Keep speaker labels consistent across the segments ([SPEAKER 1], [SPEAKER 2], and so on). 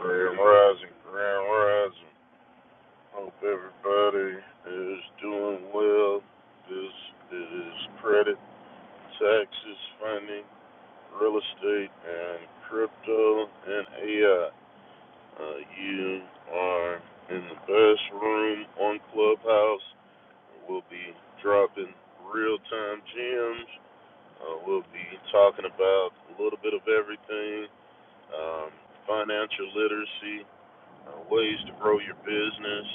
[SPEAKER 1] Grand Rising, Grand Rising. Hope everybody is doing well. This is credit, taxes, funding, real estate, and crypto and AI. Uh, you are in the best room on Clubhouse. We'll be dropping real time gems. Uh, we'll be talking about a little bit of everything um, financial literacy, uh, ways to grow your business,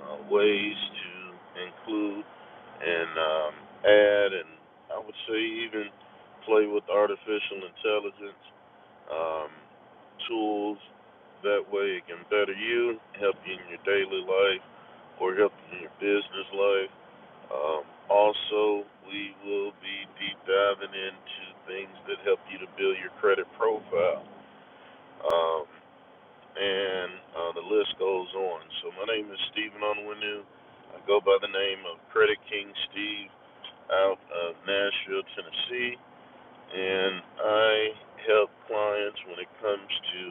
[SPEAKER 1] uh, ways to include and um, add, and I would say even play with artificial intelligence um, tools. That way, it can better you, help you in your daily life, or help you in your business life. Um, also, we will be deep diving into things that help you to build your credit profile. Um, and uh, the list goes on. So my name is Stephen Onwenu. I go by the name of Credit King Steve out of Nashville, Tennessee, and I help clients when it comes to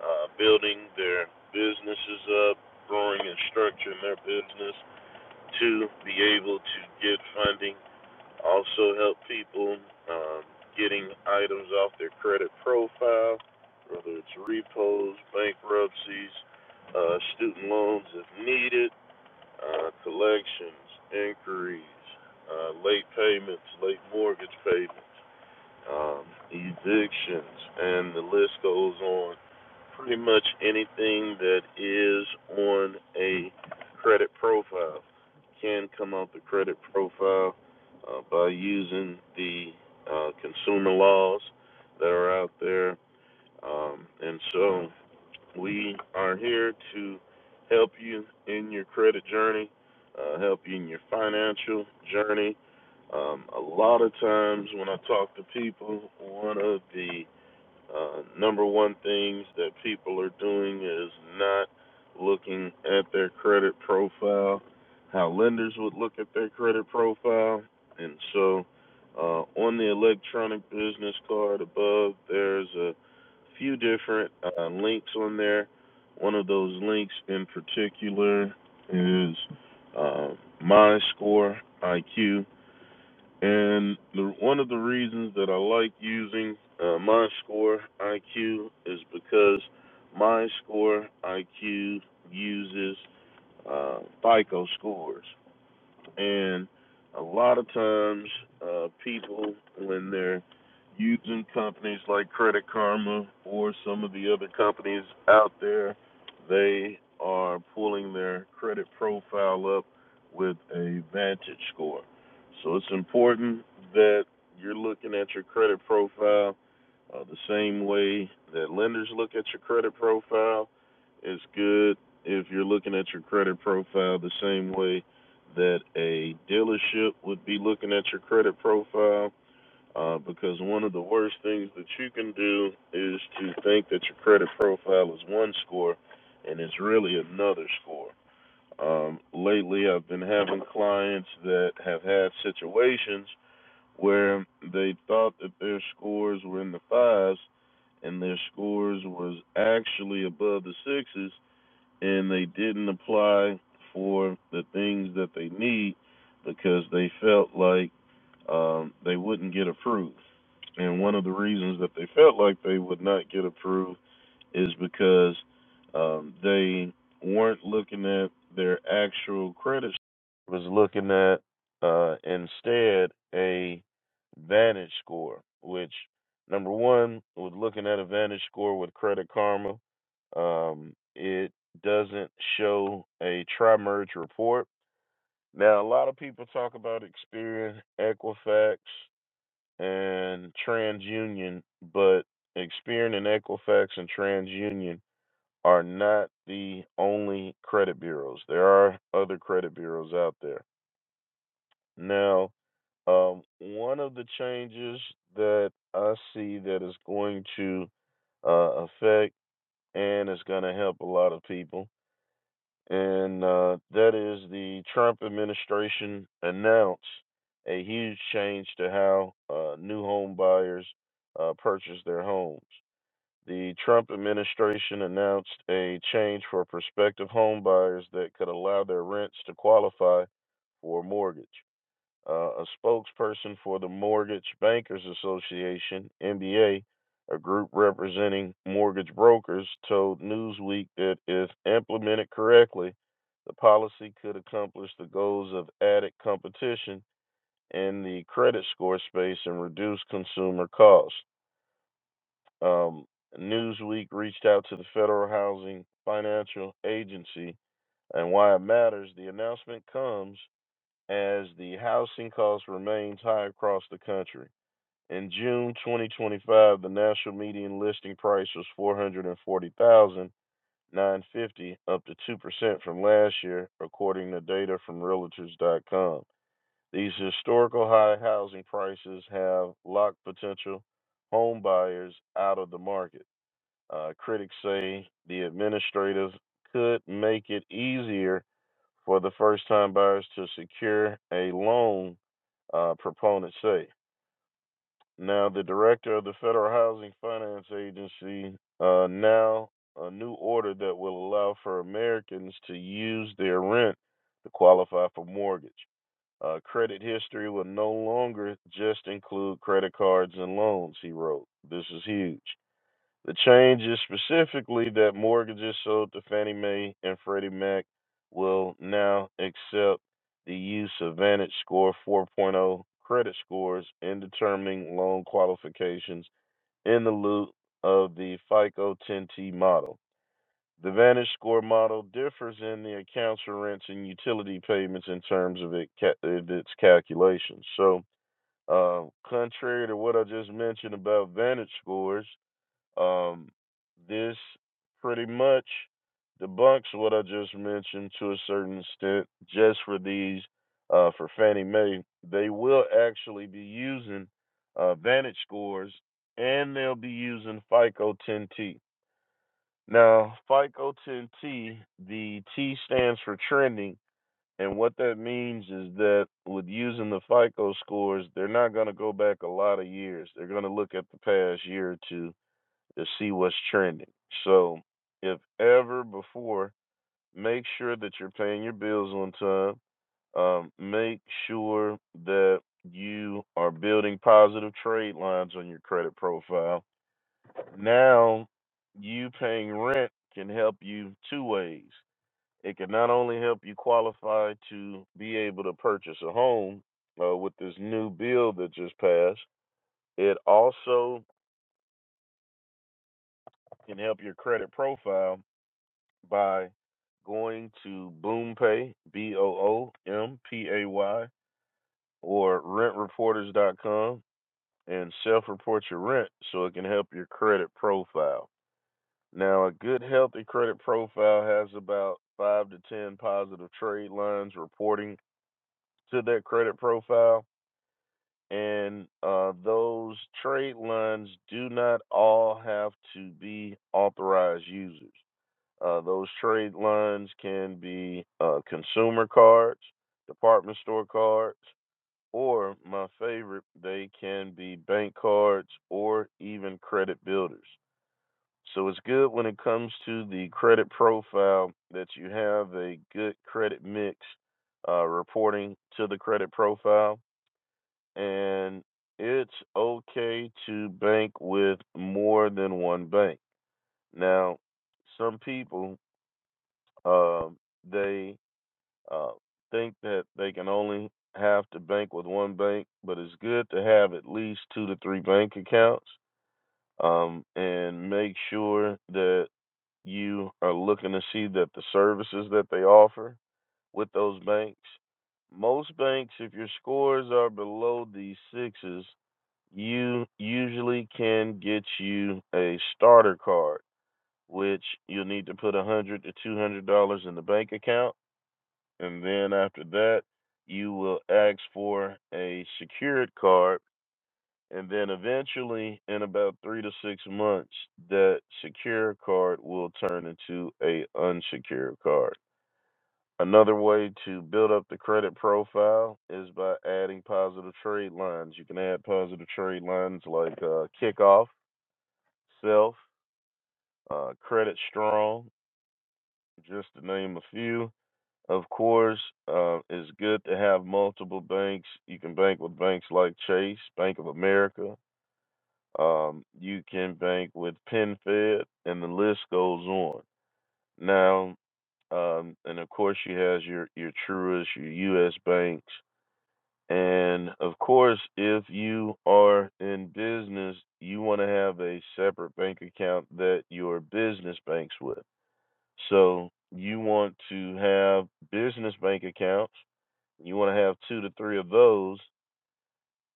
[SPEAKER 1] uh, building their businesses up, growing and structuring their business to be able to get funding also help people um, getting items off their credit profile, whether it's repos, bankruptcies, uh, student loans if needed, uh, collections, inquiries, uh, late payments, late mortgage payments um, evictions, and the list goes on. Pretty much anything that is on a credit profile can come out the credit profile uh, by using the uh, consumer laws that are out there. Um, and so we are here to help you in your credit journey, uh, help you in your financial journey. Um, a lot of times when I talk to people, one of the uh, number one things that people are doing is not looking at their credit profile, how lenders would look at their credit profile. And so uh, on the electronic business card above, there's a few different uh, links on there. One of those links in particular is uh, MyScore IQ and the, one of the reasons that I like using uh, MyScore IQ is because MyScore IQ uses uh, FICO scores. And a lot of times, uh, people, when they're using companies like Credit Karma or some of the other companies out there, they are pulling their credit profile up with a Vantage score. So it's important that you're looking at your credit profile uh, the same way that lenders look at your credit profile. It's good if you're looking at your credit profile the same way that a dealership would be looking at your credit profile uh, because one of the worst things that you can do is to think that your credit profile is one score and it's really another score. Um, lately, I've been having clients that have had situations where they thought that their scores were in the fives and their scores was actually above the sixes and they didn't apply for the things that they need because they felt like um, they wouldn't get approved. And one of the reasons that they felt like they would not get approved is because um, they weren't looking at their actual credit was looking at uh, instead a Vantage score, which number one was looking at a Vantage score with Credit Karma. Um, it doesn't show a tri-merge report. Now, a lot of people talk about Experian, Equifax, and TransUnion, but Experian and Equifax and TransUnion are not the only credit bureaus. There are other credit bureaus out there. Now, um, one of the changes that I see that is going to uh, affect and is going to help a lot of people, and uh, that is the Trump administration announced a huge change to how uh, new home buyers uh, purchase their homes. The Trump administration announced a change for prospective home buyers that could allow their rents to qualify for a mortgage. Uh, a spokesperson for the Mortgage Bankers Association, MBA, a a group representing mortgage brokers, told Newsweek that if implemented correctly, the policy could accomplish the goals of added competition in the credit score space and reduce consumer costs. Um, Newsweek reached out to the Federal Housing Financial Agency, and why it matters, the announcement comes as the housing cost remains high across the country. In June 2025, the national median listing price was 440,950, dollars up to 2% from last year, according to data from realtors.com. These historical high housing prices have locked potential home buyers out of the market. Uh, critics say the administrators could make it easier for the first time buyers to secure a loan, uh, proponents say. Now, the director of the Federal Housing Finance Agency uh, now a new order that will allow for Americans to use their rent to qualify for mortgage. Uh, credit history will no longer just include credit cards and loans, he wrote. This is huge. The change is specifically that mortgages sold to Fannie Mae and Freddie Mac will now accept the use of Vantage Score 4.0 credit scores in determining loan qualifications in the loop of the FICO 10T model. The Vantage Score model differs in the accounts for rents and utility payments in terms of it ca- of its calculations. So, uh, contrary to what I just mentioned about Vantage Scores, um, this pretty much debunks what I just mentioned to a certain extent. Just for these, uh, for Fannie Mae, they will actually be using uh, Vantage scores, and they'll be using FICO 10T. Now, FICO 10T, the T stands for trending. And what that means is that with using the FICO scores, they're not going to go back a lot of years. They're going to look at the past year or two to see what's trending. So, if ever before, make sure that you're paying your bills on time. Um, make sure that you are building positive trade lines on your credit profile. Now, you paying rent can help you two ways. It can not only help you qualify to be able to purchase a home uh, with this new bill that just passed, it also can help your credit profile by going to BoomPay, B O O M P A Y, or rentreporters.com and self report your rent so it can help your credit profile. Now, a good, healthy credit profile has about five to 10 positive trade lines reporting to that credit profile. And uh, those trade lines do not all have to be authorized users. Uh, those trade lines can be uh, consumer cards, department store cards, or my favorite, they can be bank cards or even credit builders. So it's good when it comes to the credit profile that you have a good credit mix uh, reporting to the credit profile. And it's okay to bank with more than one bank. Now, some people, um, they uh, think that they can only have to bank with one bank, but it's good to have at least two to three bank accounts um, and make sure that you are looking to see that the services that they offer with those banks. Most banks, if your scores are below these sixes, you usually can get you a starter card, which you'll need to put a hundred dollars to two hundred dollars in the bank account and then after that you will ask for a secured card and then eventually in about 3 to 6 months that secure card will turn into a unsecured card another way to build up the credit profile is by adding positive trade lines you can add positive trade lines like uh, kickoff self uh, credit strong just to name a few Of course, uh, it's good to have multiple banks. You can bank with banks like Chase, Bank of America. Um, you can bank with PenFed, and the list goes on. Now, um, and of course, you have your your Truist, your U.S. banks, and of course, if you are in business, you want to have a separate bank account that your business banks with. So you want to have business bank accounts you want to have two to three of those,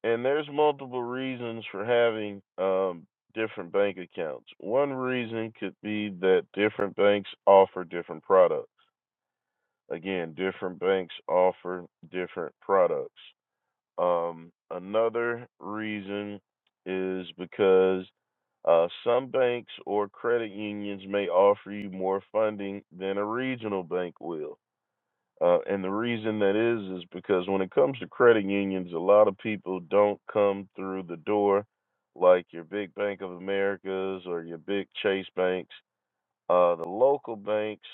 [SPEAKER 1] and there's multiple reasons for having um, different bank accounts. One reason could be that different banks offer different products. Again, different banks offer different products. Um, another reason is because uh, some banks or credit unions may offer you more funding than a regional bank will. Uh, and the reason that is is because when it comes to credit unions, a lot of people don't come through the door like your big Bank of Americas or your big Chase banks. Uh, the local banks,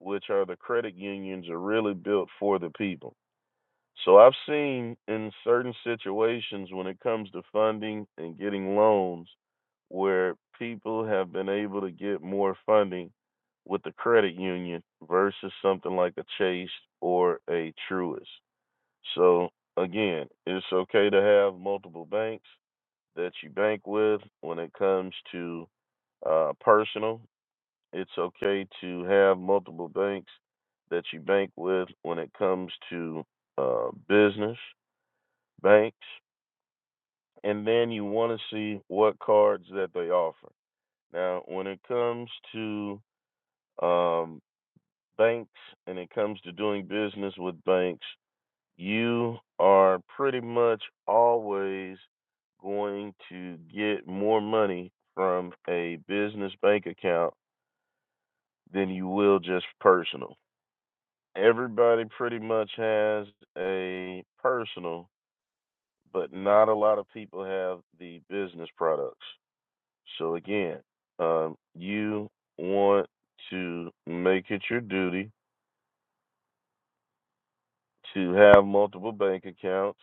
[SPEAKER 1] which are the credit unions, are really built for the people so I've seen in certain situations when it comes to funding and getting loans where people have been able to get more funding with the credit union versus something like a Chase or a Truist. So again, it's okay to have multiple banks that you bank with when it comes to uh, personal. It's okay to have multiple banks that you bank with when it comes to uh, business banks, and then you want to see what cards that they offer. Now, when it comes to um, banks and it comes to doing business with banks, you are pretty much always going to get more money from a business bank account than you will just personal. Everybody pretty much has a personal, but not a lot of people have the business products. So again, um, you want to make it your duty to have multiple bank accounts.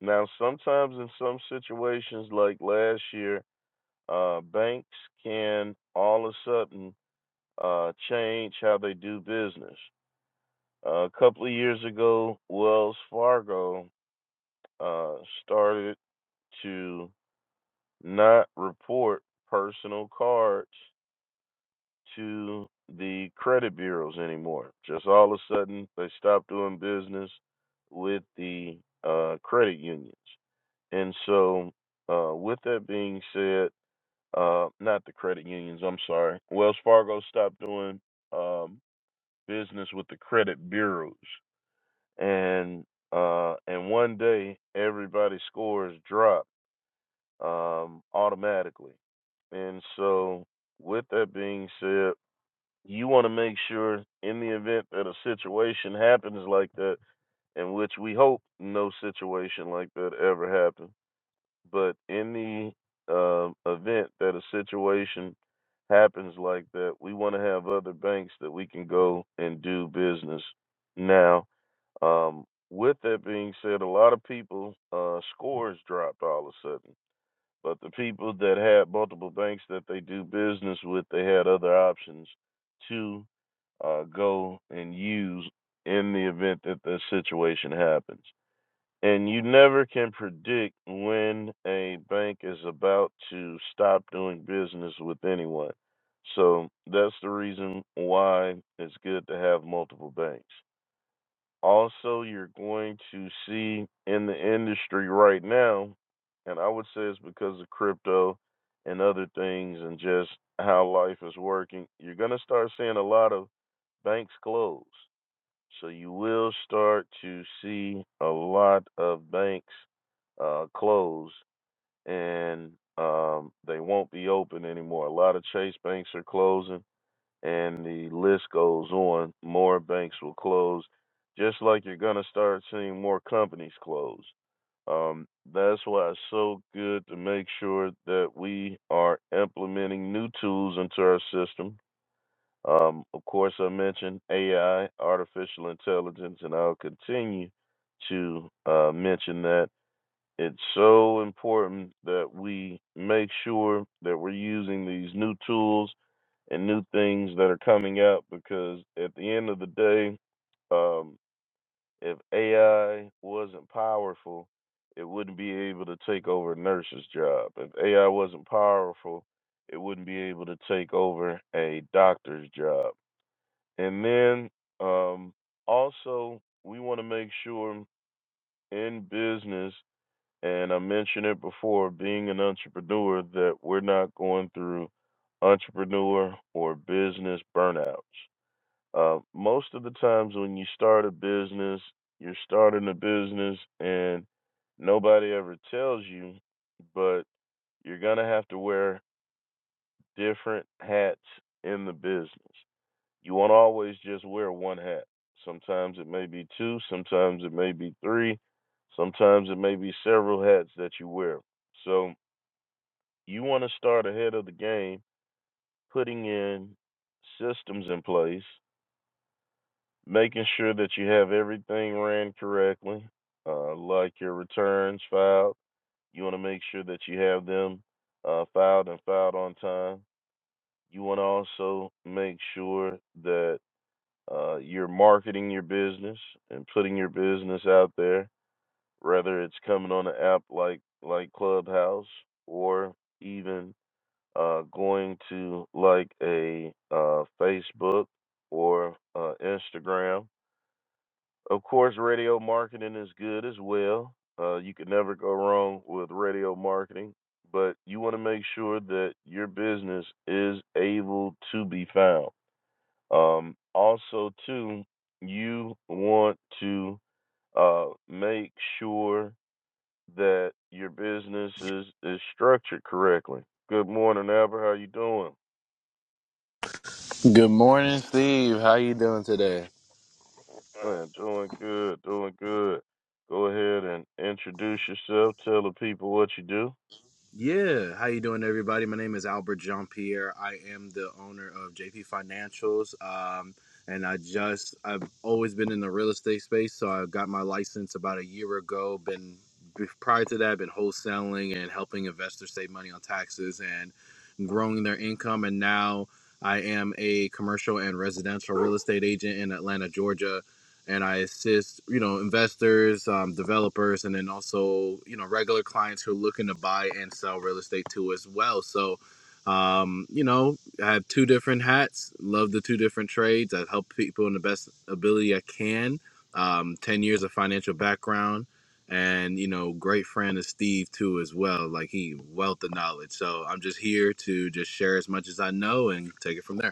[SPEAKER 1] Now, sometimes in some situations, like last year, uh, banks can all of a sudden uh, change how they do business. Uh, a couple of years ago, Wells Fargo uh, started to not report personal cards to the credit bureaus anymore. Just all of a sudden, they stopped doing business with the uh, credit unions. And so, uh, with that being said, uh, not the credit unions, I'm sorry. Wells Fargo stopped doing um, business with the credit bureaus. And uh, and one day, everybody's scores drop um, automatically. And so, with that being said, you want to make sure in the event that a situation happens like that, in which we hope no situation like that ever happens, but in the um event that a situation happens like that, we want to have other banks that we can go and do business. Now, um, with that being said, a lot of people uh, scores dropped all of a sudden, but the people that had multiple banks that they do business with, they had other options to uh, go and use in the event that the situation happens. And you never can predict when a bank is about to stop doing business with anyone. So that's the reason why it's good to have multiple banks. Also, you're going to see in the industry right now, and I would say it's because of crypto and other things and just how life is working, you're going to start seeing a lot of banks close. So you will start to see a lot of banks uh, close and um, they won't be open anymore. A lot of Chase banks are closing and the list goes on. More banks will close, just like you're going to start seeing more companies close. Um, that's why it's so good to make sure that we are implementing new tools into our system um, of course, I mentioned AI, artificial intelligence, and I'll continue to uh, mention that. It's so important that we make sure that we're using these new tools and new things that are coming out because at the end of the day, um, if AI wasn't powerful, it wouldn't be able to take over a nurse's job. If AI wasn't powerful, it wouldn't be able to take over a doctor's job and then um, also, we want to make sure in business, and I mentioned it before, being an entrepreneur, that we're not going through entrepreneur or business burnouts. Uh, most of the times when you start a business, you're starting a business and nobody ever tells you, but you're going to have to wear different hats in the business. You won't always just wear one hat. Sometimes it may be two, sometimes it may be three, sometimes it may be several hats that you wear. So you want to start ahead of the game, putting in systems in place, making sure that you have everything ran correctly, uh, like your returns filed. You want to make sure that you have them uh, filed and filed on time. You want to also make sure that uh, you're marketing your business and putting your business out there, whether it's coming on an app like like Clubhouse or even uh, going to like a uh, Facebook or uh, Instagram. Of course, radio marketing is good as well. Uh, you can never go wrong with radio marketing, but you want to make sure that your business is able to be found um, also, too, you want to uh, make sure that your business is, is structured correctly. Good morning, Albert. How you doing?
[SPEAKER 2] Good morning, Steve. How you doing today?
[SPEAKER 1] Man, doing good, doing good. Go ahead and introduce yourself. Tell the people what you do.
[SPEAKER 2] Yeah, how you doing, everybody? My name is Albert Jean Pierre. I am the owner of JP Financials, um, and I just I've always been in the real estate space. So I got my license about a year ago. Been be- prior to that, I've been wholesaling and helping investors save money on taxes and growing their income. And now I am a commercial and residential real estate agent in Atlanta, Georgia. and I assist, you know, investors, um, developers, and then also, you know, regular clients who are looking to buy and sell real estate too as well. So, um, you know, I have two different hats. Love the two different trades. I help people in the best ability I can. Um, Ten years of financial background, and you know, great friend of Steve too as well. Like he wealth of knowledge. So I'm just here to just share as much as I know and take it from there.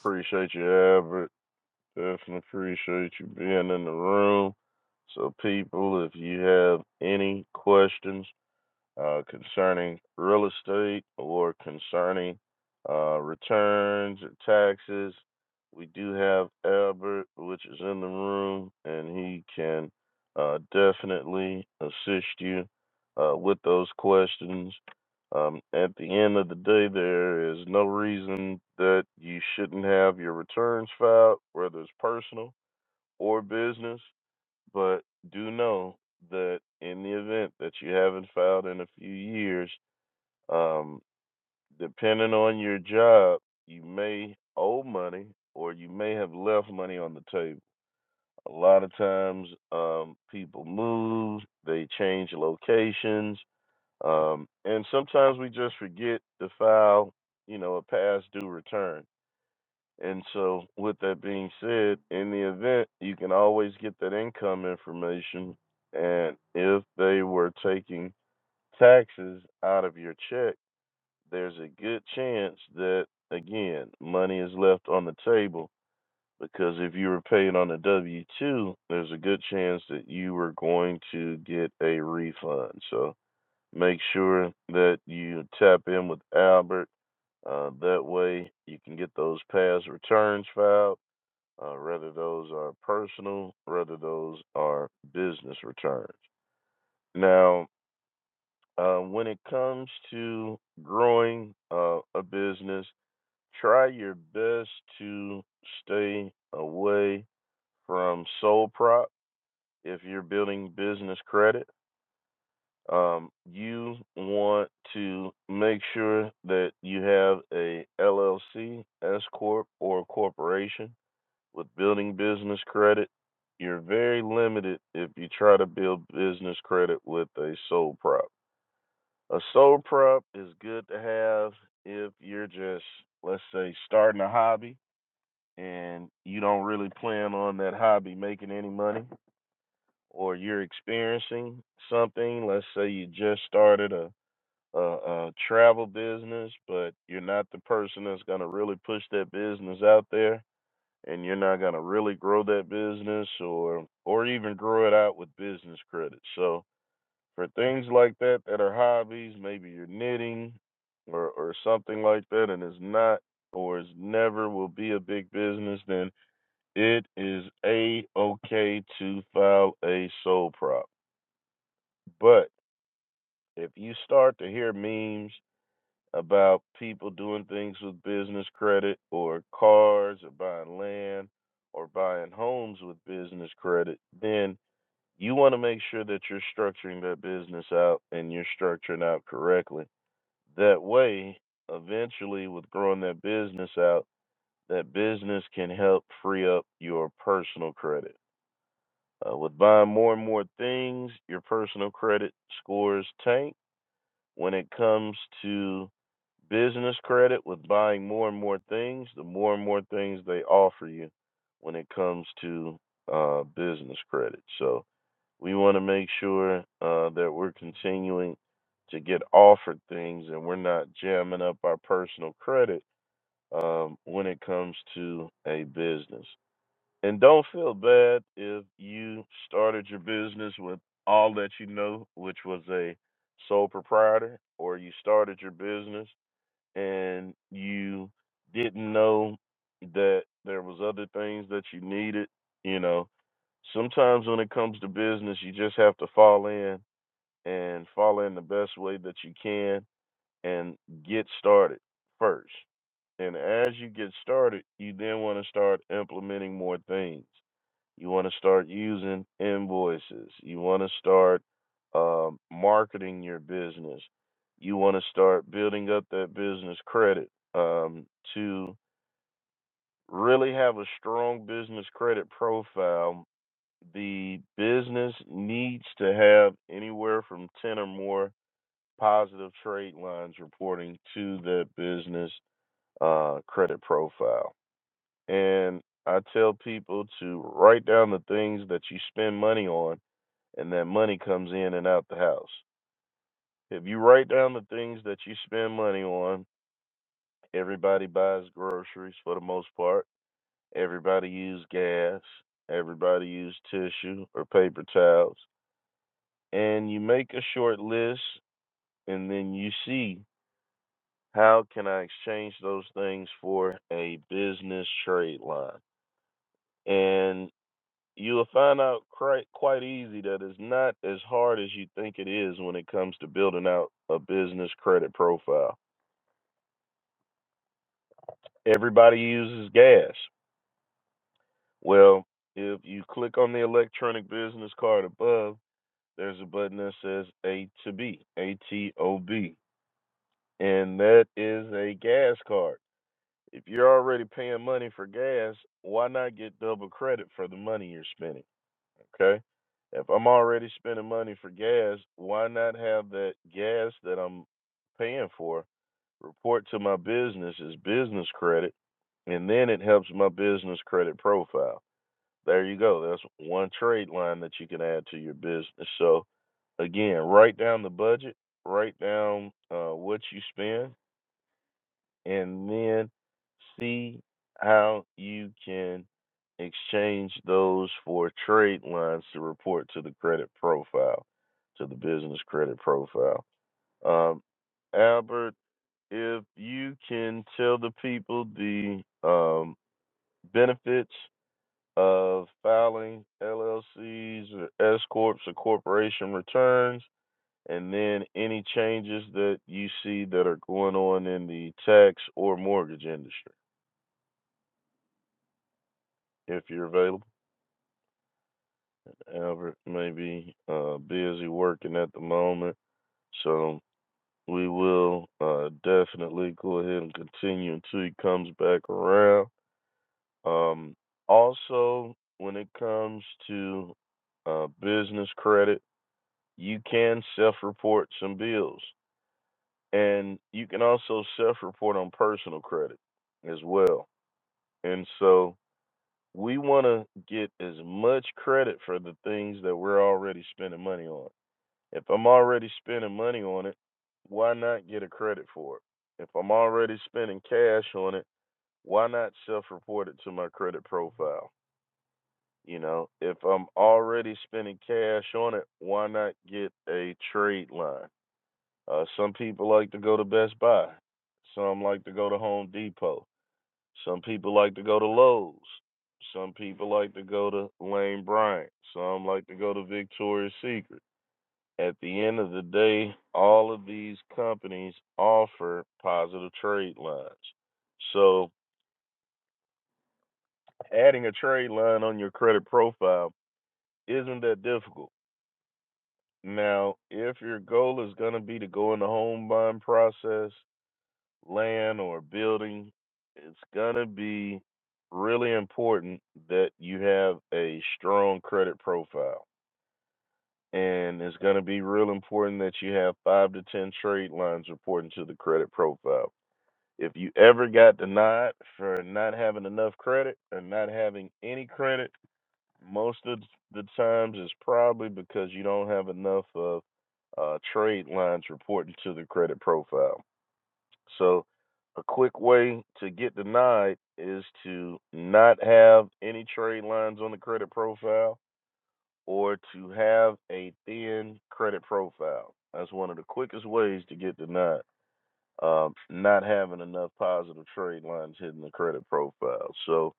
[SPEAKER 1] Appreciate you, Albert. Definitely appreciate you being in the room. So, people, if you have any questions uh, concerning real estate or concerning uh, returns or taxes. We do have Albert, which is in the room, and he can uh, definitely assist you uh, with those questions. Um, at the end of the day, there is no reason that you shouldn't have your returns filed, whether it's personal or business. But do know that in the event that you haven't filed in a few years, um, depending on your job, you may owe money or you may have left money on the table. A lot of times, um, people move, they change locations, um, and sometimes we just forget to file, you know, a past due return and so, with that being said, in the event, you can always get that income information. And if they were taking taxes out of your check, there's a good chance that, again, money is left on the table. Because if you were paid on a W 2, there's a good chance that you were going to get a refund. So, make sure that you tap in with Albert. Uh, that way, you can get those past returns filed uh, whether those are personal, whether those are business returns. Now, uh, when it comes to growing uh, a business, try your best to stay away from sole prop if you're building business credit. Um, you want to make sure that you have a LLC, S corp, or a corporation with building business credit, you're very limited if you try to build business credit with a sole prop. A sole prop is good to have if you're just, let's say, starting a hobby and you don't really plan on that hobby making any money, or you're experiencing something. Let's say you just started a a, a travel business, but you're not the person that's going to really push that business out there and you're not going to really grow that business or or even grow it out with business credit. So for things like that that are hobbies, maybe you're knitting or or something like that and it's not or is never will be a big business, then it is a okay to file a sole prop. But if you start to hear memes about people doing things with business credit or cars or buying land or buying homes with business credit, then you want to make sure that you're structuring that business out and you're structuring out correctly. That way, eventually, with growing that business out, that business can help free up your personal credit. Uh, with buying more and more things, your personal credit scores tank when it comes to business credit with buying more and more things, the more and more things they offer you when it comes to uh, business credit. So we want to make sure uh, that we're continuing to get offered things and we're not jamming up our personal credit um, when it comes to a business. And don't feel bad if you started your business with all that you know, which was a sole proprietor, or you started your business and you didn't know that there was other things that you needed, you know. Sometimes when it comes to business, you just have to fall in and fall in the best way that you can and get started first. And as you get started, you then want to start implementing more things. You want to start using invoices. You want to start um, marketing your business. You want to start building up that business credit um, to really have a strong business credit profile. The business needs to have anywhere from 10 or more positive trade lines reporting to the business uh, credit profile. And I tell people to write down the things that you spend money on and that money comes in and out the house. If you write down the things that you spend money on, everybody buys groceries for the most part. Everybody use gas. Everybody use tissue or paper towels. And you make a short list and then you see how can I exchange those things for a business trade line. And You'll find out quite quite easy that it's not as hard as you think it is when it comes to building out a business credit profile. Everybody uses gas. Well, if you click on the electronic business card above, there's a button that says A to B, A T O B, and that is a gas card. If you're already paying money for gas, why not get double credit for the money you're spending? Okay. If I'm already spending money for gas, why not have that gas that I'm paying for report to my business as business credit, and then it helps my business credit profile. There you go. That's one trade line that you can add to your business. So again, write down the budget, write down uh, what you spend, and then see how you can exchange those for trade lines to report to the credit profile, to the business credit profile. Um, Albert, if you can tell the people the um, benefits of filing LLCs or S corps or corporation returns, and then any changes that you see that are going on in the tax or mortgage industry. if you're available. Albert may be uh, busy working at the moment, so we will uh, definitely go ahead and continue until he comes back around. Um, also, when it comes to uh, business credit, you can self report some bills, and you can also self report on personal credit as well. And so, we want to get as much credit for the things that we're already spending money on If I'm already spending money on it, why not get a credit for it? If I'm already spending cash on it, why not self report it to my credit profile? You know, if I'm already spending cash on it, why not get a trade line? Uh, some people like to go to Best Buy. Some like to go to Home Depot. Some people like to go to Lowe's. Some people like to go to Lane Bryant. Some like to go to Victoria's Secret at the end of the day, all of these companies offer positive trade lines. So adding a trade line on your credit profile isn't that difficult. Now, if your goal is going to be to go in the home buying process, land or building, it's going to be really important that you have a strong credit profile. And it's going to be real important that you have five to 10 trade lines reporting to the credit profile If you ever got denied for not having enough credit or not having any credit, most of the times it's probably because you don't have enough of uh, trade lines reporting to the credit profile. So, a quick way to get denied is to not have any trade lines on the credit profile or to have a thin credit profile. That's one of the quickest ways to get denied um, not having enough positive trade lines hitting the credit profile. So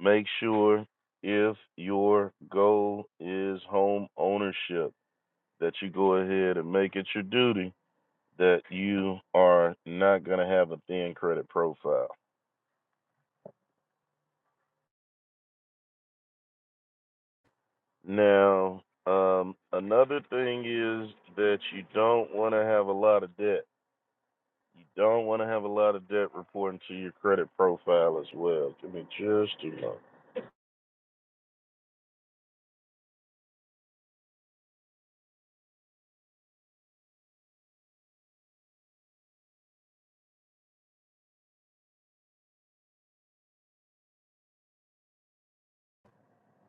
[SPEAKER 1] make sure if your goal is home ownership that you go ahead and make it your duty that you are not going to have a thin credit profile. Now, um, another thing is that you don't want to have a lot of debt. You don't want to have a lot of debt reporting to your credit profile as well. Give me just a moment.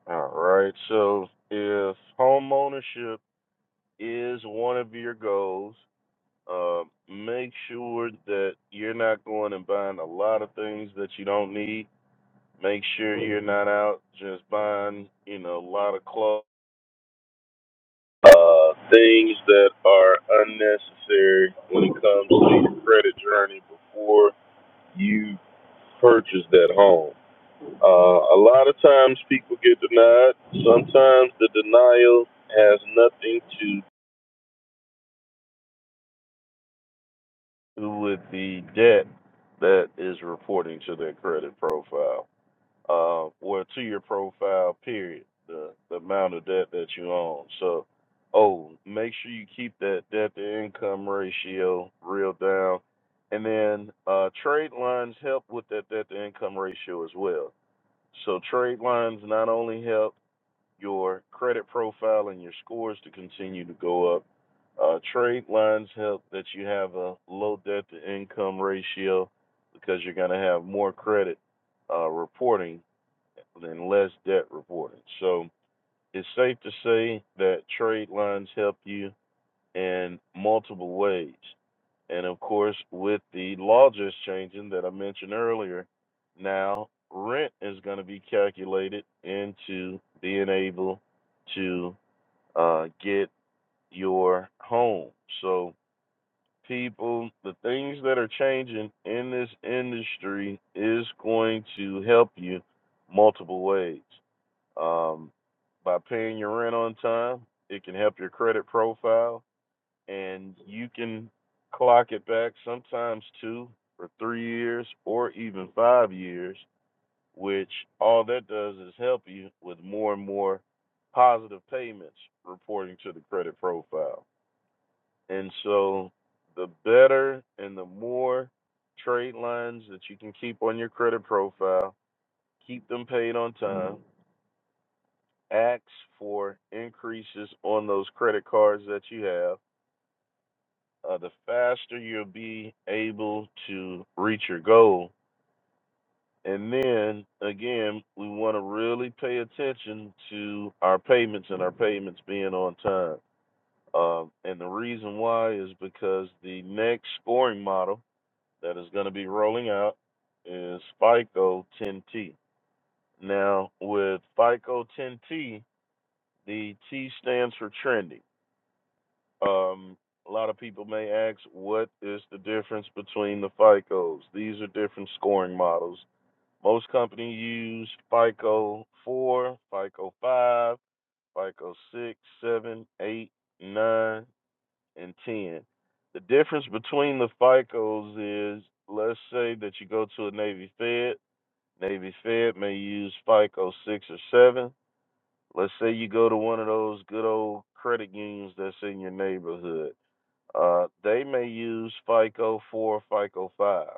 [SPEAKER 1] All right. So if home ownership is one of your goals, uh, make sure that you're not going and buying a lot of things that you don't need. Make sure you're not out just buying, you know, a lot of clothes, uh, things that are unnecessary when it comes to your credit journey before you purchase that home. Uh, a lot of times people get denied. Sometimes the denial has nothing to do with the debt that is reporting to their credit profile uh, or to your profile, period, the, the amount of debt that you own. So, oh, make sure you keep that debt to income ratio real down. And then uh, trade lines help with that debt to income ratio as well. So, trade lines not only help your credit profile and your scores to continue to go up. Uh, trade lines help that you have a low debt to income ratio because you're going to have more credit uh, reporting than less debt reporting. So it's safe to say that trade lines help you in multiple ways. And of course, with the law just changing that I mentioned earlier, now rent is going to be calculated into being able to uh, get your home. So, people, the things that are changing in this industry is going to help you multiple ways. Um, by paying your rent on time, it can help your credit profile, and you can clock it back sometimes two or three years or even five years, which all that does is help you with more and more positive payments reporting to the credit profile and so the better and the more trade lines that you can keep on your credit profile, keep them paid on time, ask for increases on those credit cards that you have, uh, the faster you'll be able to reach your goal. And then again, we want to really pay attention to our payments and our payments being on time. Um, and the reason why is because the next scoring model that is going to be rolling out is FICO 10T. Now, with FICO 10T, the T stands for trending. Um, a lot of people may ask, what is the difference between the FICOs? These are different scoring models. Most companies use FICO 4, FICO 5, FICO 6, 7, 8, 9, and 10. The difference between the FICOs is, let's say that you go to a Navy Fed, Navy Fed may use FICO six or seven. Let's say you go to one of those good old credit unions that's in your neighborhood. Uh, they may use FICO four or FICO five.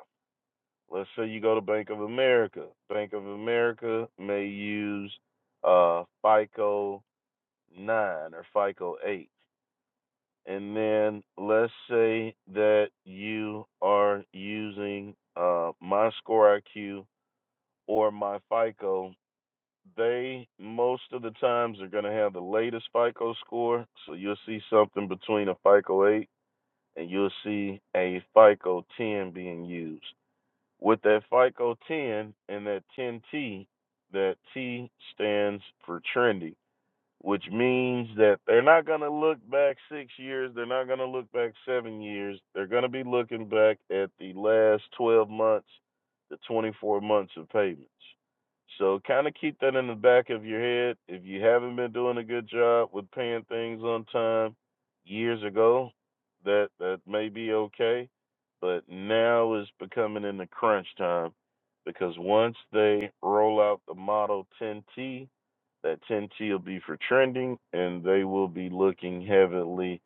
[SPEAKER 1] Let's say you go to Bank of America. Bank of America may use uh, FICO nine or FICO eight. And then let's say that you are using uh, my score IQ or my FICO They most of the times are going to have the latest FICO score, so you'll see something between a FICO 8 and you'll see a FICO 10 being used. With that FICO 10 and that 10T, that T stands for trendy which means that they're not going to look back six years. They're not going to look back seven years. They're going to be looking back at the last 12 months, the 24 months of payments. So kind of keep that in the back of your head. If you haven't been doing a good job with paying things on time years ago, that that may be okay, but now is becoming in the crunch time because once they roll out the Model 10T that 10T will be for trending, and they will be looking heavily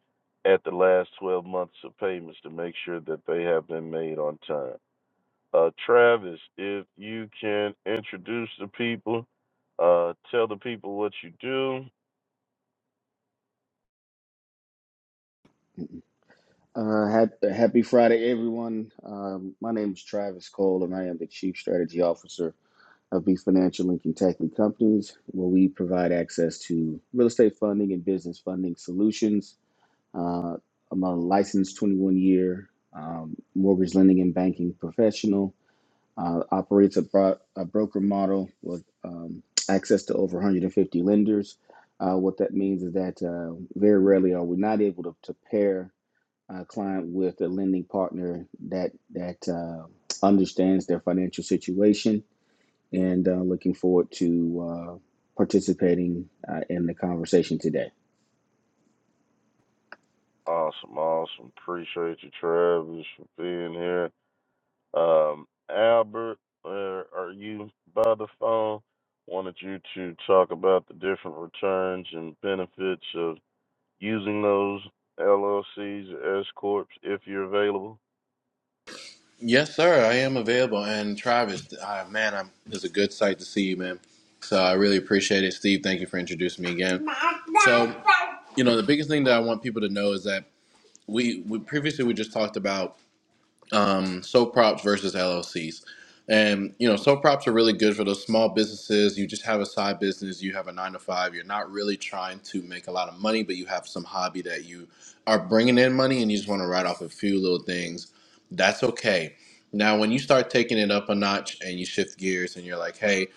[SPEAKER 1] at the last 12 months of payments to make sure that they have been made on time. Uh, Travis, if you can introduce the people, uh, tell the people what you do.
[SPEAKER 3] Uh, hap- happy Friday, everyone. Um, my name is Travis Cole, and I am the Chief Strategy Officer of B Financial Link and Kentucky Companies, where we provide access to real estate funding and business funding solutions. Uh, I'm a licensed 21 year um, mortgage lending and banking professional, uh, operates a, bro- a broker model with um, access to over 150 lenders. Uh, what that means is that uh, very rarely are we not able to, to pair a client with a lending partner that that uh, understands their financial situation and uh, looking forward to uh, participating uh, in the conversation today.
[SPEAKER 1] Awesome, awesome. Appreciate you, Travis, for being here. Um, Albert, where are you by the phone? Wanted you to talk about the different returns and benefits of using those LLCs, S corps, if you're available?
[SPEAKER 2] Yes, sir. I am available. And Travis, uh, man, I'm, it's a good sight to see you, man. So I really appreciate it, Steve. Thank you for introducing me again. So, you know, the biggest thing that I want people to know is that we, we previously we just talked about um, sole props versus LLCs. And you know, sole props are really good for those small businesses. You just have a side business, you have a nine to five, you're not really trying to make a lot of money, but you have some hobby that you are bringing in money, and you just want to write off a few little things. That's okay. Now, when you start taking it up a notch and you shift gears, and you're like, "Hey,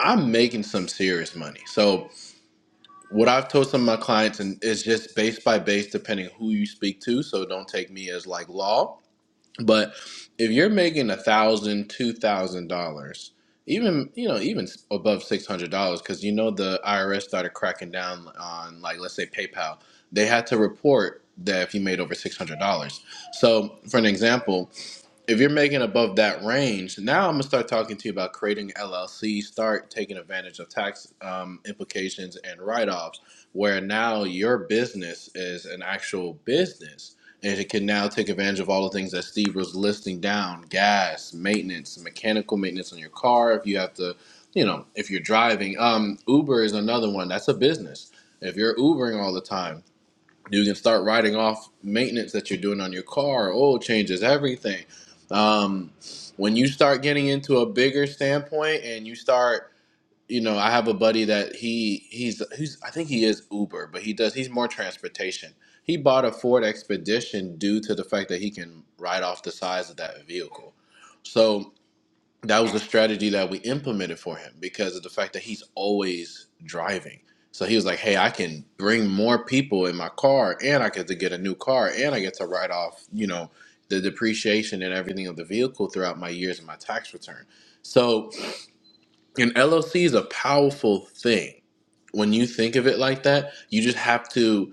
[SPEAKER 2] I'm making some serious money." So, what I've told some of my clients, and it's just base by base, depending who you speak to. So, don't take me as like law but if you're making a thousand, two thousand dollars, even you know, even above six hundred dollars, because you know the IRS started cracking down on like let's say PayPal, they had to report that if you made over six hundred dollars. So for an example if you're making above that range, now I'm gonna start talking to you about creating LLC, start taking advantage of tax um, implications and write-offs, where now your business is an actual business, and it can now take advantage of all the things that Steve was listing down: gas, maintenance, mechanical maintenance on your car. If you have to, you know, if you're driving, um, Uber is another one. That's a business. If you're Ubering all the time you can start writing off maintenance that you're doing on your car, oil changes, everything. Um, when you start getting into a bigger standpoint and you start, you know, I have a buddy that he he's he's I think he is Uber, but he does he's more transportation. He bought a Ford Expedition due to the fact that he can ride off the size of that vehicle. So that was the strategy that we implemented for him because of the fact that he's always driving. So he was like, "Hey, I can bring more people in my car, and I get to get a new car, and I get to write off, you know, the depreciation and everything of the vehicle throughout my years and my tax return." So an LLC is a powerful thing when you think of it like that. You just have to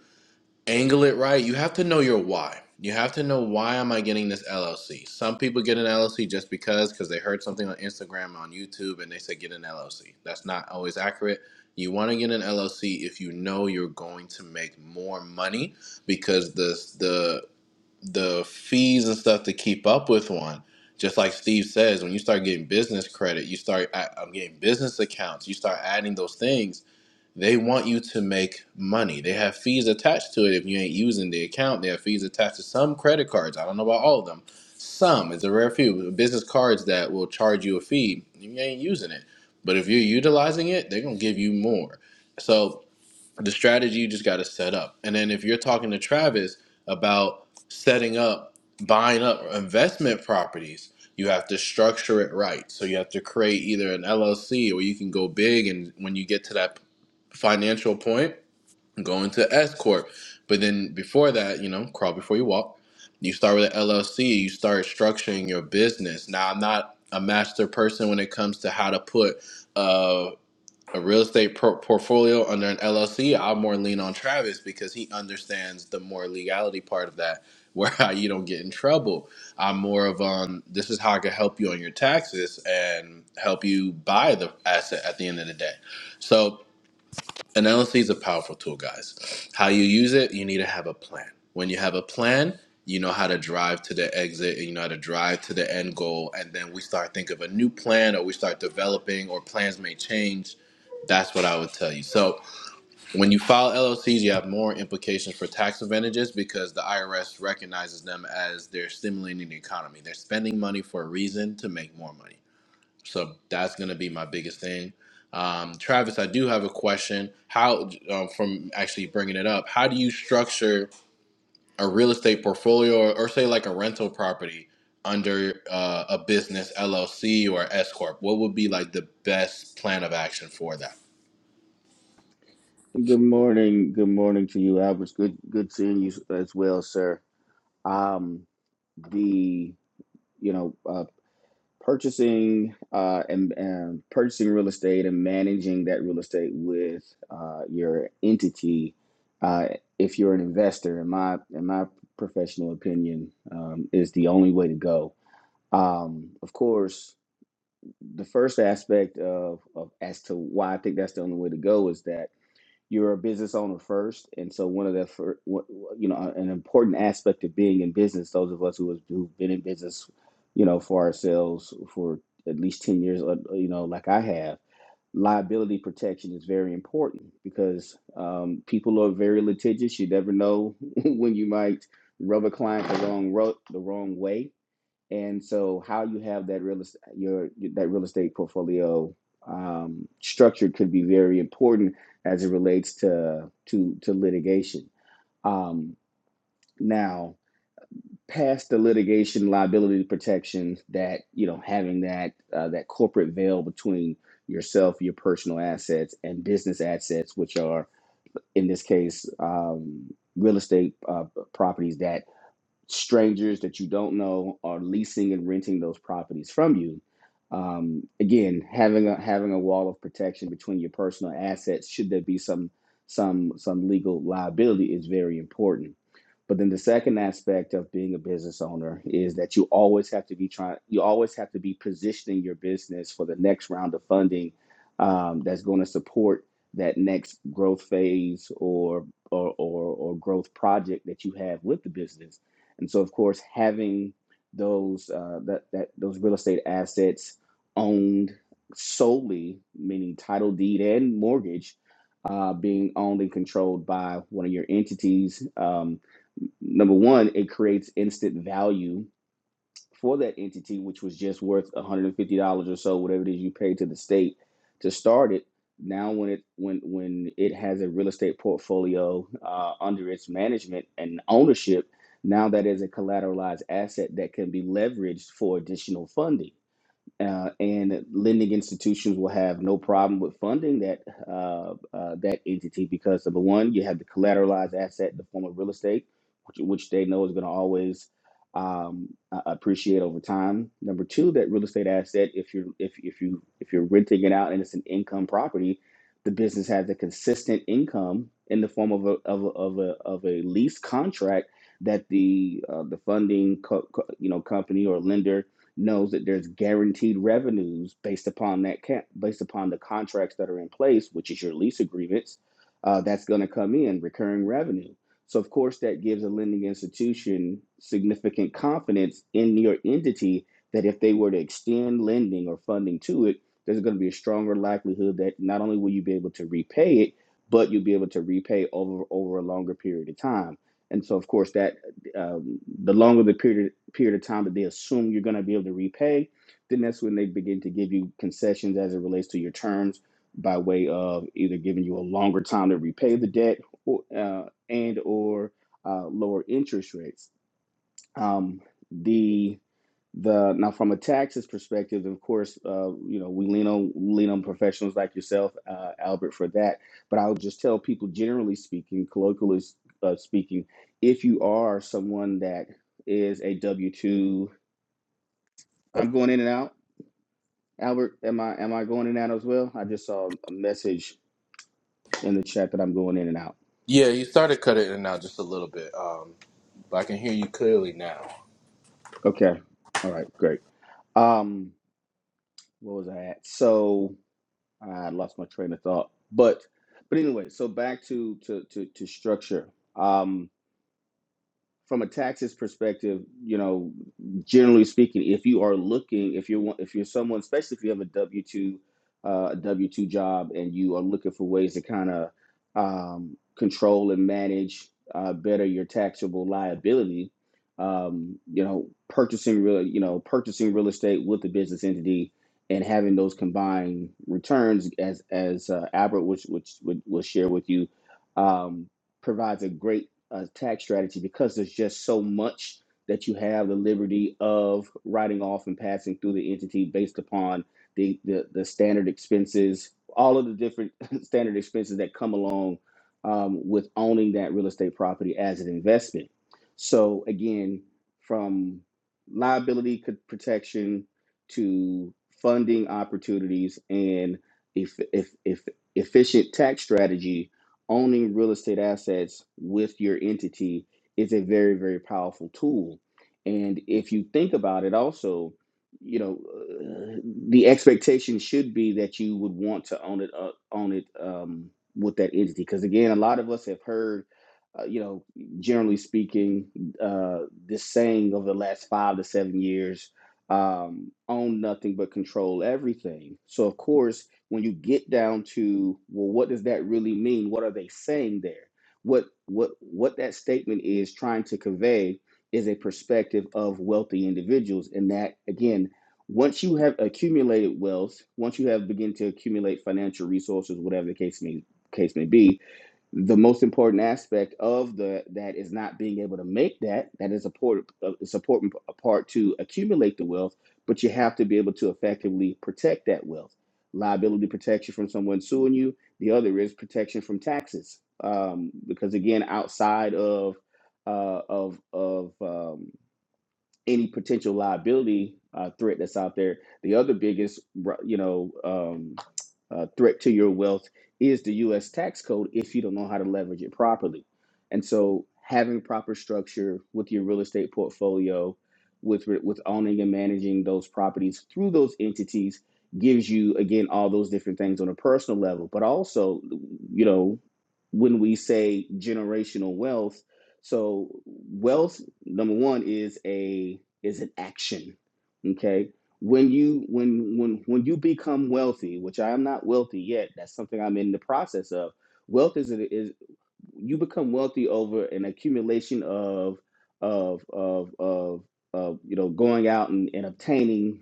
[SPEAKER 2] angle it right. You have to know your why. You have to know why am I getting this LLC. Some people get an LLC just because because they heard something on Instagram on YouTube and they said get an LLC. That's not always accurate. You want to get an LLC if you know you're going to make more money because the the the fees and stuff to keep up with one. Just like Steve says, when you start getting business credit, you start I- I'm getting business accounts. You start adding those things they want you to make money. They have fees attached to it if you ain't using the account. They have fees attached to some credit cards. I don't know about all of them. Some, it's a rare few business cards that will charge you a fee if you ain't using it. But if you're utilizing it, they're gonna give you more. So the strategy you just gotta set up. And then if you're talking to Travis about setting up, buying up investment properties, you have to structure it right. So you have to create either an LLC or you can go big and when you get to that financial point, going to S corp. But then before that, you know, crawl before you walk. You start with an LLC. You start structuring your business. Now, I'm not a master person when it comes to how to put uh, a real estate por- portfolio under an LLC. I'll more lean on Travis because he understands the more legality part of that, where you don't get in trouble. I'm more of um, this is how I can help you on your taxes and help you buy the asset at the end of the day. So Analysis is a powerful tool, guys. How you use it, you need to have a plan. When you have a plan, you know how to drive to the exit and you know how to drive to the end goal. And then we start think of a new plan or we start developing or plans may change. That's what I would tell you. So when you file LLCs, you have more implications for tax advantages because the IRS recognizes them as they're stimulating the economy. They're spending money for a reason to make more money. So that's going to be my biggest thing. Um, Travis, I do have a question. How, um, from actually bringing it up, how do you structure a real estate portfolio or, or say like a rental property under uh, a business LLC or S Corp? What would be like the best plan of action for that?
[SPEAKER 3] Good morning. Good morning to you, Albert. Good good seeing you as well, sir. Um, the you know uh, purchasing uh, and, and purchasing real estate and managing that real estate with uh, your entity. Uh, if you're an investor, in my in my professional opinion, um, is the only way to go. Um, of course, the first aspect of, of as to why I think that's the only way to go is that you're a business owner first and so one of the fir- you know an important aspect of being in business those of us who has, who've been in business you know for ourselves for at least 10 years uh, uh, you know like i have liability protection is very important because um, people are very litigious you never know when you might rub a client the wrong ro- the wrong way and so how you have that real estate your that real estate portfolio um, structured could be very important as it relates to to to litigation. Um, now, past the litigation liability protection that you know having that uh, that corporate veil between yourself, your personal assets, and business assets, which are in this case um, real estate uh, properties that strangers that you don't know are leasing and renting those properties from you. Um, again, having a having a wall of protection between your personal assets, should there be some some some legal liability, is very important but then the second aspect of being a business owner is that you always have to be trying, you always have to be positioning your business for the next round of funding um, that's going to support that next growth phase or, or or or growth project that you have with the business. And so, of course, having those uh, that that those real estate assets owned solely, meaning title deed and mortgage, uh, being owned and controlled by one of your entities. Um, number one, it creates instant value for that entity, which was just worth $150 or so, whatever it is you pay to the state to start it. Now, when it when when it has a real estate portfolio uh, under its management and ownership, now that is a collateralized asset that can be leveraged for additional funding uh, and lending institutions will have no problem with funding that uh, uh, that entity because number one, you have the collateralized asset in the form of real estate, which, which they know is going to always um, uh, appreciate over time. Number two, that real estate asset, if you're if if you if you're renting it out and it's an income property, the business has a consistent income in the form of a of a of a, of a lease contract that the uh, the funding co- co- you know company or lender knows that there's guaranteed revenues based upon that ca- based upon the contracts that are in place, which is your lease agreements. Uh, that's going to come in recurring revenue. So of course that gives a lending institution significant confidence in your entity that if they were to extend lending or funding to it, there's going to be a stronger likelihood that not only will you be able to repay it, but you'll be able to repay over over a longer period of time. And so of course that um, the longer the period period of time that they assume you're going to be able to repay, then that's when they begin to give you concessions as it relates to your terms by way of either giving you a longer time to repay the debt or, uh, and or uh, lower interest rates. Um, the the now from a taxes perspective, of course, uh, you know we lean on lean on professionals like yourself, uh, Albert, for that. But I would just tell people, generally speaking, colloquially uh, speaking, if you are someone that is a W two, I'm going in and out. Albert, am I am I going in and out as well? I just saw a message in the chat that I'm going in and out.
[SPEAKER 2] Yeah, you started cutting it out just a little bit, um, but I can hear you clearly now.
[SPEAKER 3] Okay, all right, great. Um, what was I at? So I lost my train of thought. But but anyway, so back to to to, to structure. Um, from a taxes perspective, you know, generally speaking, if you are looking, if you're one- if you're someone, especially if you have a W two uh, a W two job and you are looking for ways to kind of um, control and manage uh, better your taxable liability, um, you know, purchasing real, you know, purchasing real estate with the business entity and having those combined returns, as as uh, Albert, which which would will share with you, um, provides a great uh, tax strategy because there's just so much that you have the liberty of writing off and passing through the entity based upon the, the, the standard expenses, all of the different standard expenses that come along um, with owning that real estate property as an investment. So, again, from liability co- protection to funding opportunities and if, if, if efficient tax strategy owning real estate assets with your entity is a very very powerful tool and if you think about it also you know uh, the expectation should be that you would want to own it uh, own it um, with that entity because again a lot of us have heard uh, you know generally speaking uh, this saying over the last five to seven years um, own nothing but control everything so of course when you get down to well what does that really mean what are they saying there what what what that statement is trying to convey is a perspective of wealthy individuals and that again once you have accumulated wealth once you have begin to accumulate financial resources whatever the case may case may be the most important aspect of the that is not being able to make that that is a port uh, it's important part to accumulate the wealth but you have to be able to effectively protect that wealth liability protection from someone suing you the other is protection from taxes um, because again outside of uh, of of um, any potential liability uh, threat that's out there. The other biggest, you know, um, uh, threat to your wealth is the U.S. tax code if you don't know how to leverage it properly. And so, having proper structure with your real estate portfolio, with with owning and managing those properties through those entities, gives you again all those different things on a personal level. But also, you know, when we say generational wealth so wealth number one is a is an action. Okay. When you when when when you become wealthy, which I am not wealthy yet, that's something I'm in the process of. Wealth is is you become wealthy over an accumulation of of of of of you know going out and, and obtaining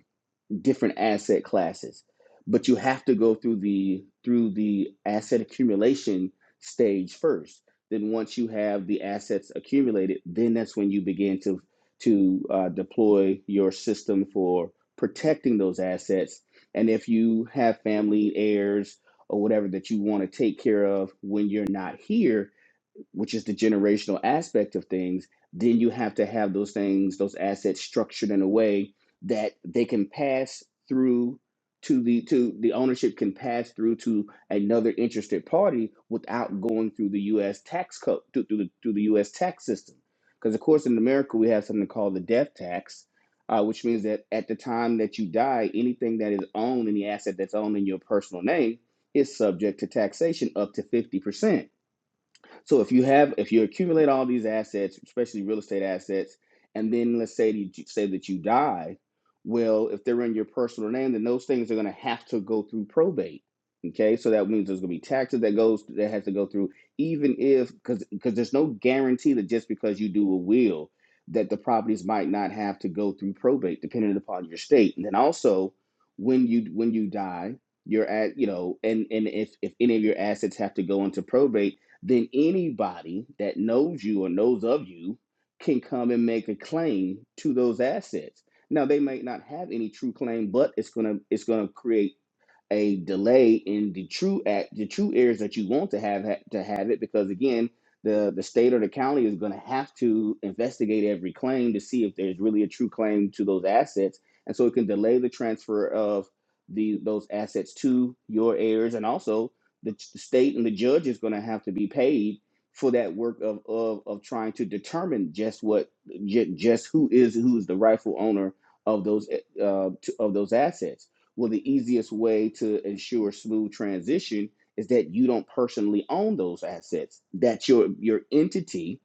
[SPEAKER 3] different asset classes but you have to go through the through the asset accumulation stage first then once you have the assets accumulated then that's when you begin to to uh, deploy your system for protecting those assets and if you have family heirs or whatever that you want to take care of when you're not here which is the generational aspect of things, then you have to have those things, those assets structured in a way that they can pass through to the to the ownership can pass through to another interested party without going through the U.S. tax code through, through the through the U.S. tax system. Because of course in America we have something called the death tax, uh, which means that at the time that you die, anything that is owned, any asset that's owned in your personal name, is subject to taxation up to 50%. So if you have, if you accumulate all these assets, especially real estate assets, and then let's say you, say that you die, well, if they're in your personal name, then those things are going to have to go through probate. Okay, so that means there's going to be taxes that goes that has to go through, even if because because there's no guarantee that just because you do a will that the properties might not have to go through probate, depending upon your state. And then also, when you when you die, you're at you know, and and if if any of your assets have to go into probate then anybody that knows you or knows of you can come and make a claim to those assets. Now they might not have any true claim, but it's gonna it's gonna create a delay in the true act, the true areas that you want to have ha- to have it, because again, the the state or the county is going to have to investigate every claim to see if there's really a true claim to those assets, and so it can delay the transfer of the those assets to your heirs, and also the, the state and the judge is going to have to be paid for that work of of, of trying to determine just what ju- just who is who is the rightful owner of those uh, to, of those assets. Well, the easiest way to ensure smooth transition is that you don't personally own those assets. That your your entity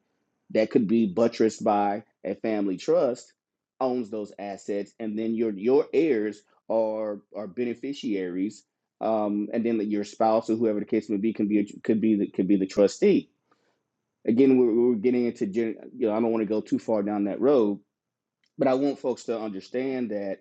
[SPEAKER 3] that could be buttressed by a family trust owns those assets, and then your your heirs are are beneficiaries, um, and then your spouse or whoever the case may be can be could be the, could be the trustee. Again, we're, we're getting into you know I don't want to go too far down that road, but I want folks to understand that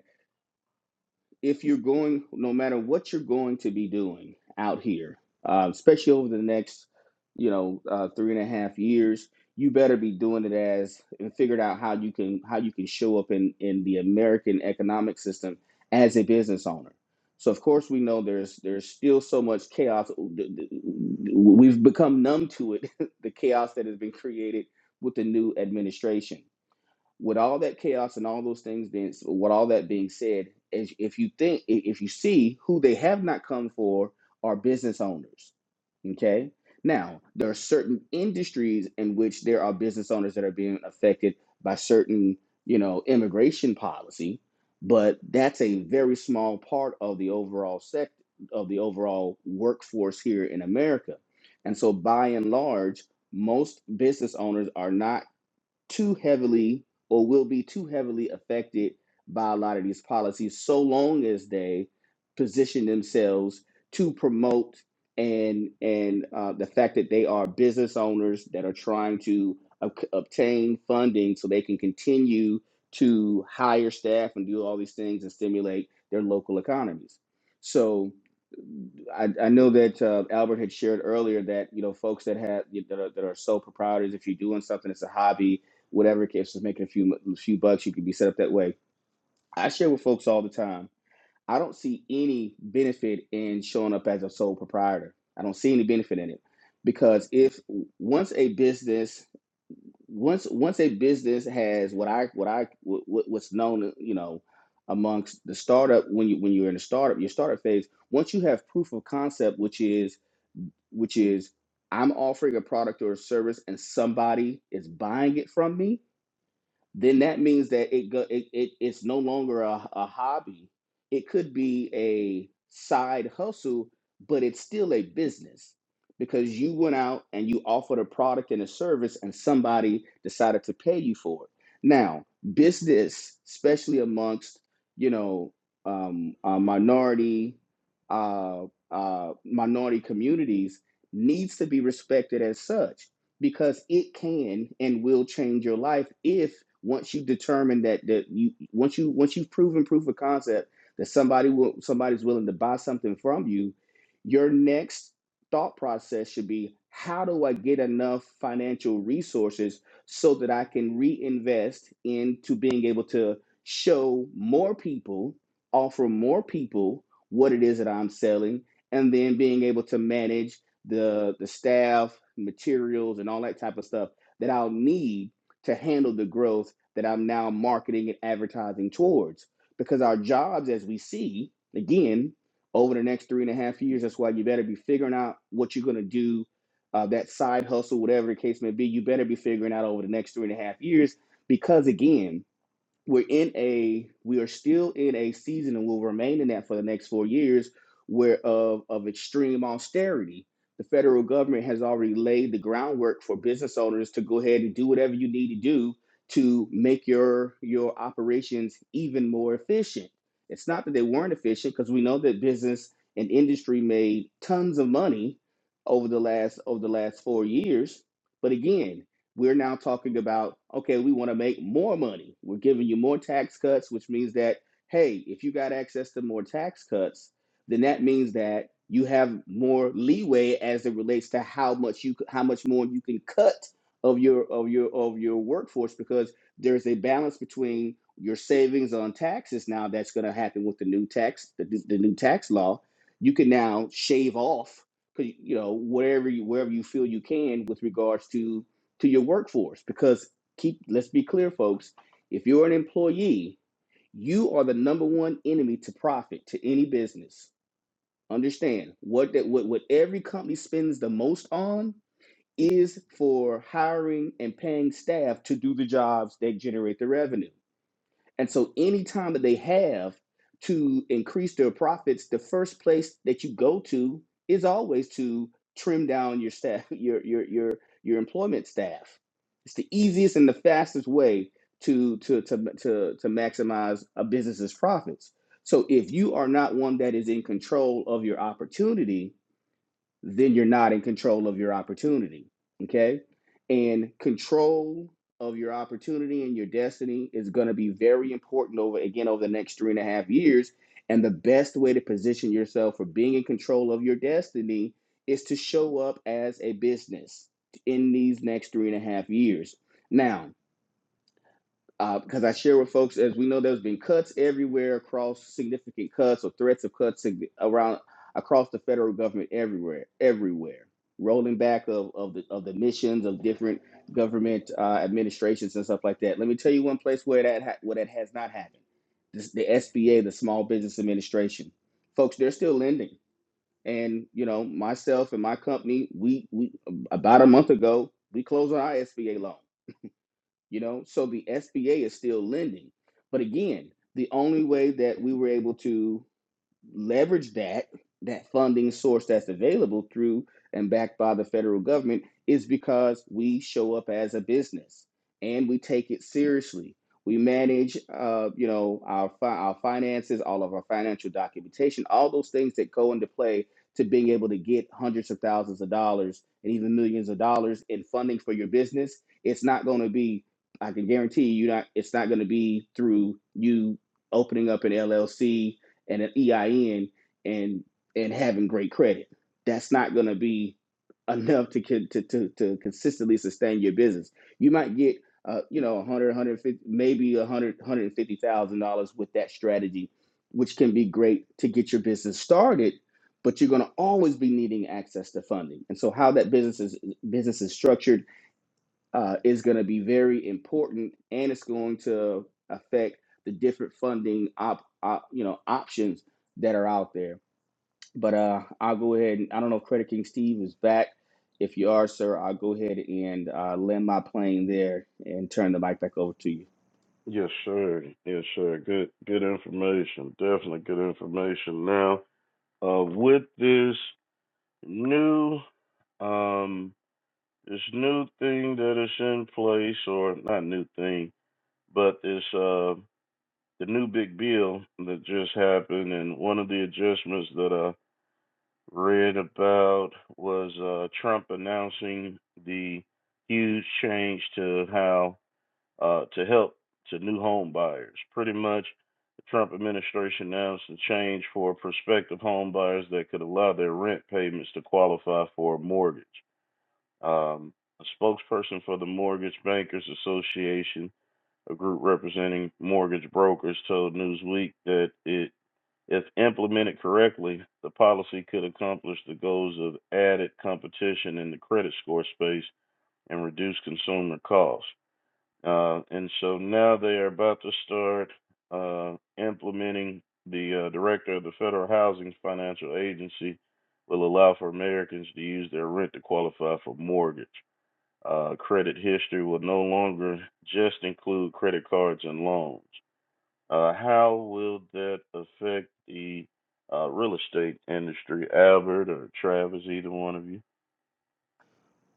[SPEAKER 3] if you're going, no matter what you're going to be doing out here, uh, especially over the next, you know, uh, three and a half years, you better be doing it as and figured out how you can how you can show up in in the American economic system as a business owner. So of course we know there's there's still so much chaos. We've become numb to it, the chaos that has been created with the new administration with all that chaos and all those things being with all that being said is if you think if you see who they have not come for are business owners okay now there are certain industries in which there are business owners that are being affected by certain you know immigration policy but that's a very small part of the overall sect of the overall workforce here in america and so by and large most business owners are not too heavily or will be too heavily affected by a lot of these policies so long as they position themselves to promote and and uh, the fact that they are business owners that are trying to ob- obtain funding so they can continue to hire staff and do all these things and stimulate their local economies so I, I know that uh, Albert had shared earlier that you know folks that have that are, that are sole proprietors. If you're doing something, it's a hobby whatever if it's making a few a few bucks you could be set up that way i share with folks all the time i don't see any benefit in showing up as a sole proprietor i don't see any benefit in it because if once a business once once a business has what i what i what, what's known you know amongst the startup when you when you're in a startup your startup phase once you have proof of concept which is which is i'm offering a product or a service and somebody is buying it from me then that means that it go it, it it's no longer a, a hobby. It could be a side hustle, but it's still a business because you went out and you offered a product and a service and somebody decided to pay you for it. Now, business, especially amongst, you know, um, uh, minority uh, uh, minority communities needs to be respected as such because it can and will change your life if once you determine that that you once you once you've proven proof of concept that somebody will somebody's willing to buy something from you, your next thought process should be how do I get enough financial resources so that I can reinvest into being able to show more people, offer more people what it is that I'm selling, and then being able to manage the the staff, materials, and all that type of stuff that I'll need to handle the growth that I'm now marketing and advertising towards. Because our jobs, as we see, again, over the next three and a half years, that's why you better be figuring out what you're going to do, uh, that side hustle, whatever the case may be. You better be figuring out over the next three and a half years, because again, we're in a we are still in a season and will remain in that for the next four years where of of extreme austerity the federal government has already laid the groundwork for business owners to go ahead and do whatever you need to do to make your your operations even more efficient it's not that they weren't efficient because we know that business and industry made tons of money over the last over the last four years but again we're now talking about, okay, we want to make more money. We're giving you more tax cuts, which means that, hey, if you got access to more tax cuts, then that means that you have more leeway as it relates to how much you how much more you can cut of your of your of your workforce because there's a balance between your savings on taxes now that's going to happen with the new tax the, the new tax law you can now shave off 'cause, you know whatever you wherever you feel you can with regards to to your workforce because keep let's be clear folks if you're an employee you are the number one enemy to profit to any business understand what that what, what every company spends the most on is for hiring and paying staff to do the jobs that generate the revenue and so any time that they have to increase their profits, the first place that you go to is always to trim down your staff, your your your your employment staff. It's the easiest and the fastest way to to to to, to maximize a business's profits. So if you are not one that is in control of your opportunity, then you're not in control of your opportunity. Okay. And control of your opportunity and your destiny is going to be very important over, again, over the next three and a half years. And the best way to position yourself for being in control of your destiny is to show up as a business in these next three and a half years. Now, uh, because I share with folks, as we know, there's been cuts everywhere across significant cuts or threats of cuts sig- around across the federal government everywhere, everywhere. Rolling back of, of the of the missions of different government uh, administrations and stuff like that. Let me tell you one place where that ha- where that has not happened. This, the SBA, the Small Business Administration, folks, they're still lending. And you know, myself and my company, we we about a month ago, we closed on our SBA loan you know so the sba is still lending but again the only way that we were able to leverage that that funding source that's available through and backed by the federal government is because we show up as a business and we take it seriously. We manage, uh, you know, our fi- our finances, all of our financial documentation, all those things that go into play to being able to get hundreds of thousands of dollars and even millions of dollars in funding for your business. It's not going to be, I can guarantee you, not. It's not going to be through you opening up an LLC and an EIN and and having great credit. That's not going to be enough to, to to to consistently sustain your business. You might get uh you know 100, 150, maybe one hundred, one hundred fifty thousand dollars with that strategy which can be great to get your business started, but you're going to always be needing access to funding. And so how that business is business is structured uh, is going to be very important, and it's going to affect the different funding op, op you know options that are out there. But uh, I'll go ahead and I don't know if Credit King Steve is back. If you are, sir, I'll go ahead and uh, land my plane there and turn the mic back over to you.
[SPEAKER 1] Yes, sir. Yes, sir. Good, good information. Definitely good information. Now, uh, with this new, um, this new thing that is in place, or not new thing, but this uh, the new big bill that just happened, and one of the adjustments that I read about was uh, Trump announcing the huge change to how uh, to help to new home buyers. Pretty much, the Trump administration announced a change for prospective home buyers that could allow their rent payments to qualify for a mortgage. Um, a spokesperson for the Mortgage Bankers Association, a group representing mortgage brokers, told Newsweek that it if implemented correctly, the policy could accomplish the goals of added competition in the credit score space and reduce consumer costs. Uh, and so now they are about to start uh, implementing the uh, director of the Federal Housing Financial Agency will allow for Americans to use their rent to qualify for mortgage. Uh, credit history will no longer just include credit cards and loans. Uh, how will that affect the uh, real estate industry, Albert or Travis, either one of you?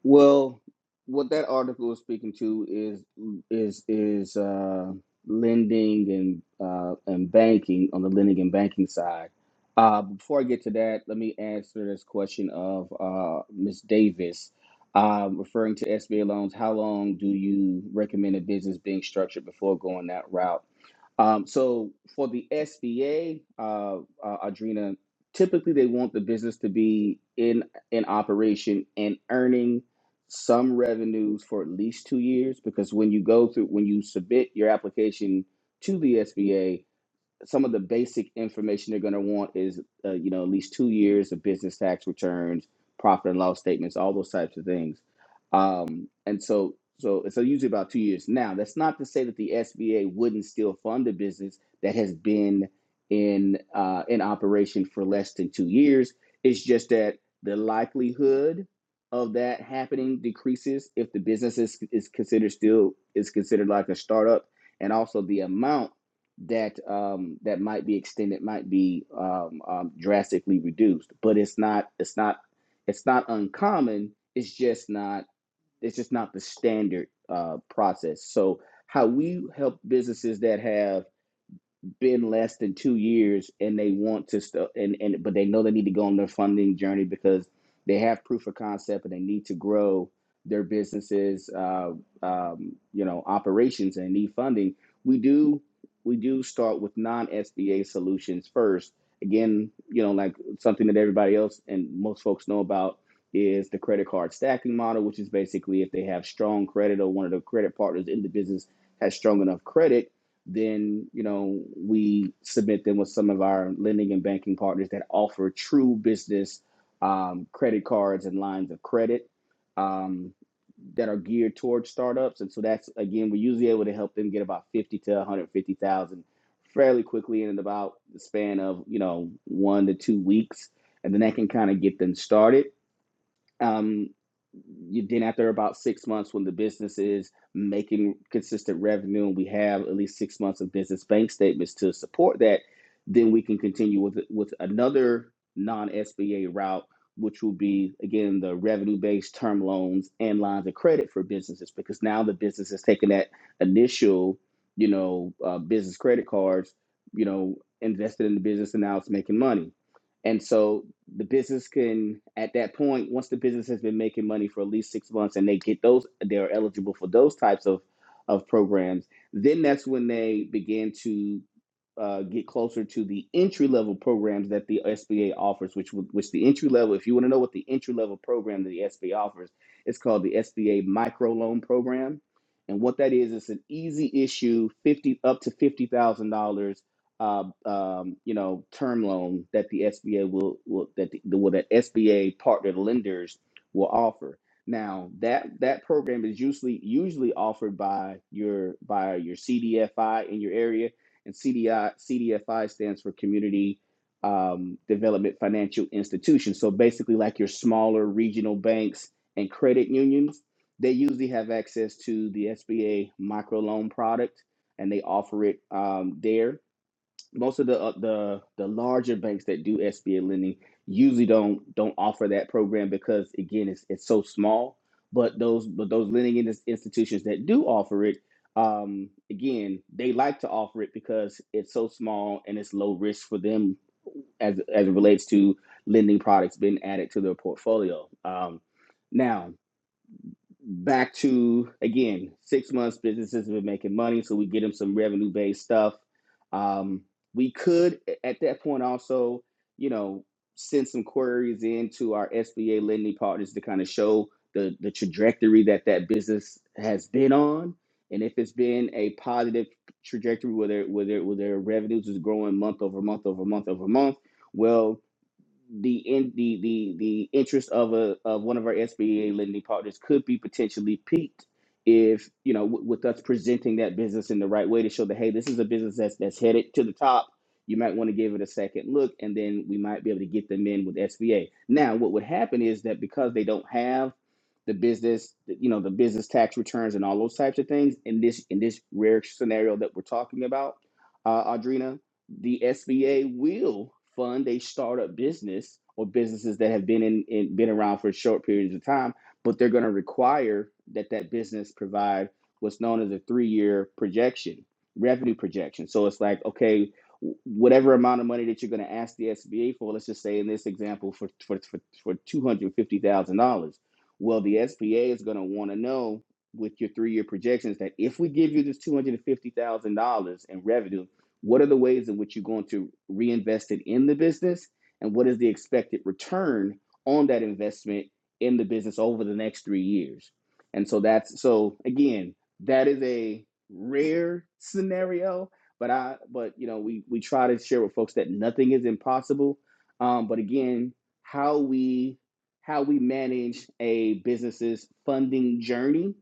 [SPEAKER 3] Well, what that article is speaking to is is is uh, lending and uh, and banking on the lending and banking side. Uh, before I get to that, let me answer this question of uh, Ms. Davis, uh, referring to SBA loans. How long do you recommend a business being structured before going that route? Um, so for the SBA, uh, uh, Adrena, typically they want the business to be in in operation and earning some revenues for at least two years because when you go through when you submit your application to the SBA, some of the basic information they're going to want is uh, you know at least two years of business tax returns profit and loss statements all those types of things um, and so so so usually about two years now that's not to say that the sba wouldn't still fund a business that has been in uh, in operation for less than two years it's just that the likelihood of that happening decreases if the business is, is considered still is considered like a startup and also the amount that um, that might be extended might be um, um, drastically reduced. But it's not it's not it's not uncommon. It's just not it's just not the standard uh, process. So how we help businesses that have been less than two years and they want to st- and, and but they know they need to go on their funding journey because they have proof of concept and they need to grow their businesses uh, um, you know operations and need funding we do we do start with non-sba solutions first again you know like something that everybody else and most folks know about is the credit card stacking model which is basically if they have strong credit or one of the credit partners in the business has strong enough credit then you know we submit them with some of our lending and banking partners that offer true business um, credit cards and lines of credit um, that are geared towards startups. And so that's again, we're usually able to help them get about fifty to one hundred fifty thousand fairly quickly in about the span of you know one to two weeks, and then that can kind of get them started um, you then after about six months when the business is making consistent revenue and we have at least six months of business bank statements to support that then we can continue with with another non-sba route which will be again the revenue-based term loans and lines of credit for businesses because now the business is taking that initial you know uh, business credit cards you know invested in the business and now it's making money and so the business can, at that point, once the business has been making money for at least six months and they get those, they're eligible for those types of, of programs, then that's when they begin to uh, get closer to the entry level programs that the SBA offers, which would- which the entry level, if you want to know what the entry level program that the SBA offers, it's called the SBA micro loan program. And what that is, it's an easy issue, fifty up to fifty thousand dollars uh, um, you know, term loan that the SBA will, will that the, will that SBA partnered lenders will offer. Now that that program is usually usually offered by your by your CDFI in your area, and CDI CDFI stands for Community um, Development Financial Institution. So basically, like your smaller regional banks and credit unions, they usually have access to the SBA microloan product, and they offer it um, there most of the uh, the the larger banks that do SBA lending usually don't don't offer that program because again it's it's so small. But those but those lending in- institutions that do offer it, um, again they like to offer it because it's so small and it's low risk for them as as it relates to lending products being added to their portfolio. Um, now back to again six months businesses have been making money so we get them some revenue based stuff um, we could at that point also you know send some queries into our sba lending partners to kind of show the the trajectory that that business has been on and if it's been a positive trajectory whether whether whether their revenues is growing month over month over month over month well the in the the the interest of a of one of our SBA lending partners could be potentially peaked if you know w- with us presenting that business in the right way to show that hey this is a business that's that's headed to the top you might want to give it a second look and then we might be able to get them in with SBA now what would happen is that because they don't have the business you know the business tax returns and all those types of things in this in this rare scenario that we're talking about uh, Audrina the SBA will fund a startup business or businesses that have been in, in been around for short periods of time, but they're going to require that that business provide what's known as a three-year projection, revenue projection. So it's like, okay, whatever amount of money that you're going to ask the SBA for, let's just say in this example for for for, for two hundred fifty thousand dollars, well, the SBA is going to want to know with your three-year projections that if we give you this two hundred fifty thousand dollars in revenue what are the ways in which you're going to reinvest it in the business? And what is the expected return on that investment in the business over the next three years? And so that's so again, that is a rare scenario, but I but you know, we we try to share with folks that nothing is impossible. Um, but again, how we how we manage a business's funding journey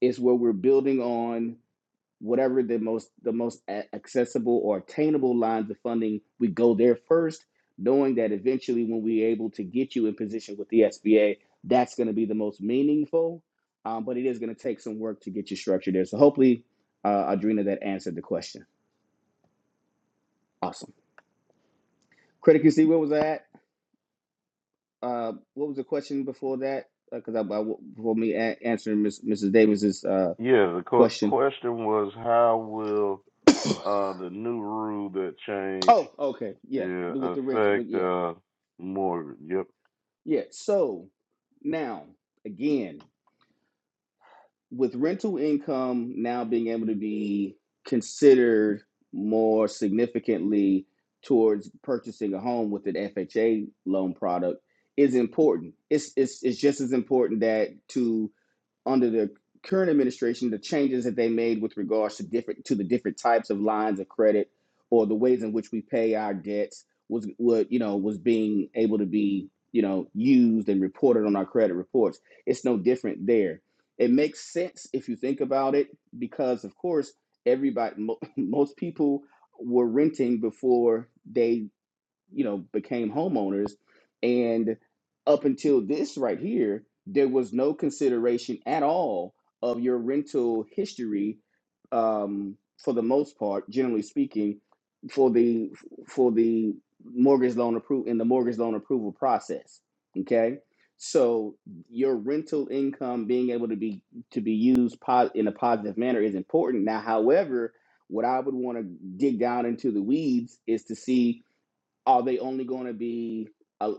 [SPEAKER 3] is where we're building on whatever the most the most accessible or attainable lines of funding we go there first knowing that eventually when we're able to get you in position with the sba that's going to be the most meaningful um, but it is going to take some work to get you structured there so hopefully uh, adrena that answered the question awesome critic see where was I at? uh, what was the question before that because uh, I, I before me a- answering Miss, mrs davis's uh,
[SPEAKER 1] Yeah, the qu-
[SPEAKER 3] question
[SPEAKER 1] question was how will uh, the new rule that changed
[SPEAKER 3] oh okay yeah
[SPEAKER 1] yeah,
[SPEAKER 3] with the rent with
[SPEAKER 1] affect
[SPEAKER 3] yeah
[SPEAKER 1] uh, mortgage? Yep.
[SPEAKER 3] Yeah. So now, again, with rental income now being able to be considered more significantly towards purchasing a home with an FHA loan product is important. It's it's it's just as important that to under the current administration, the changes that they made with regards to different to the different types of lines of credit or the ways in which we pay our debts was what you know was being able to be you know used and reported on our credit reports. It's no different there. It makes sense if you think about it because of course everybody mo- most people were renting before they you know became homeowners and up until this right here there was no consideration at all of your rental history um, for the most part generally speaking for the for the mortgage loan approval in the mortgage loan approval process okay so your rental income being able to be to be used po- in a positive manner is important now however what i would want to dig down into the weeds is to see are they only going to be uh,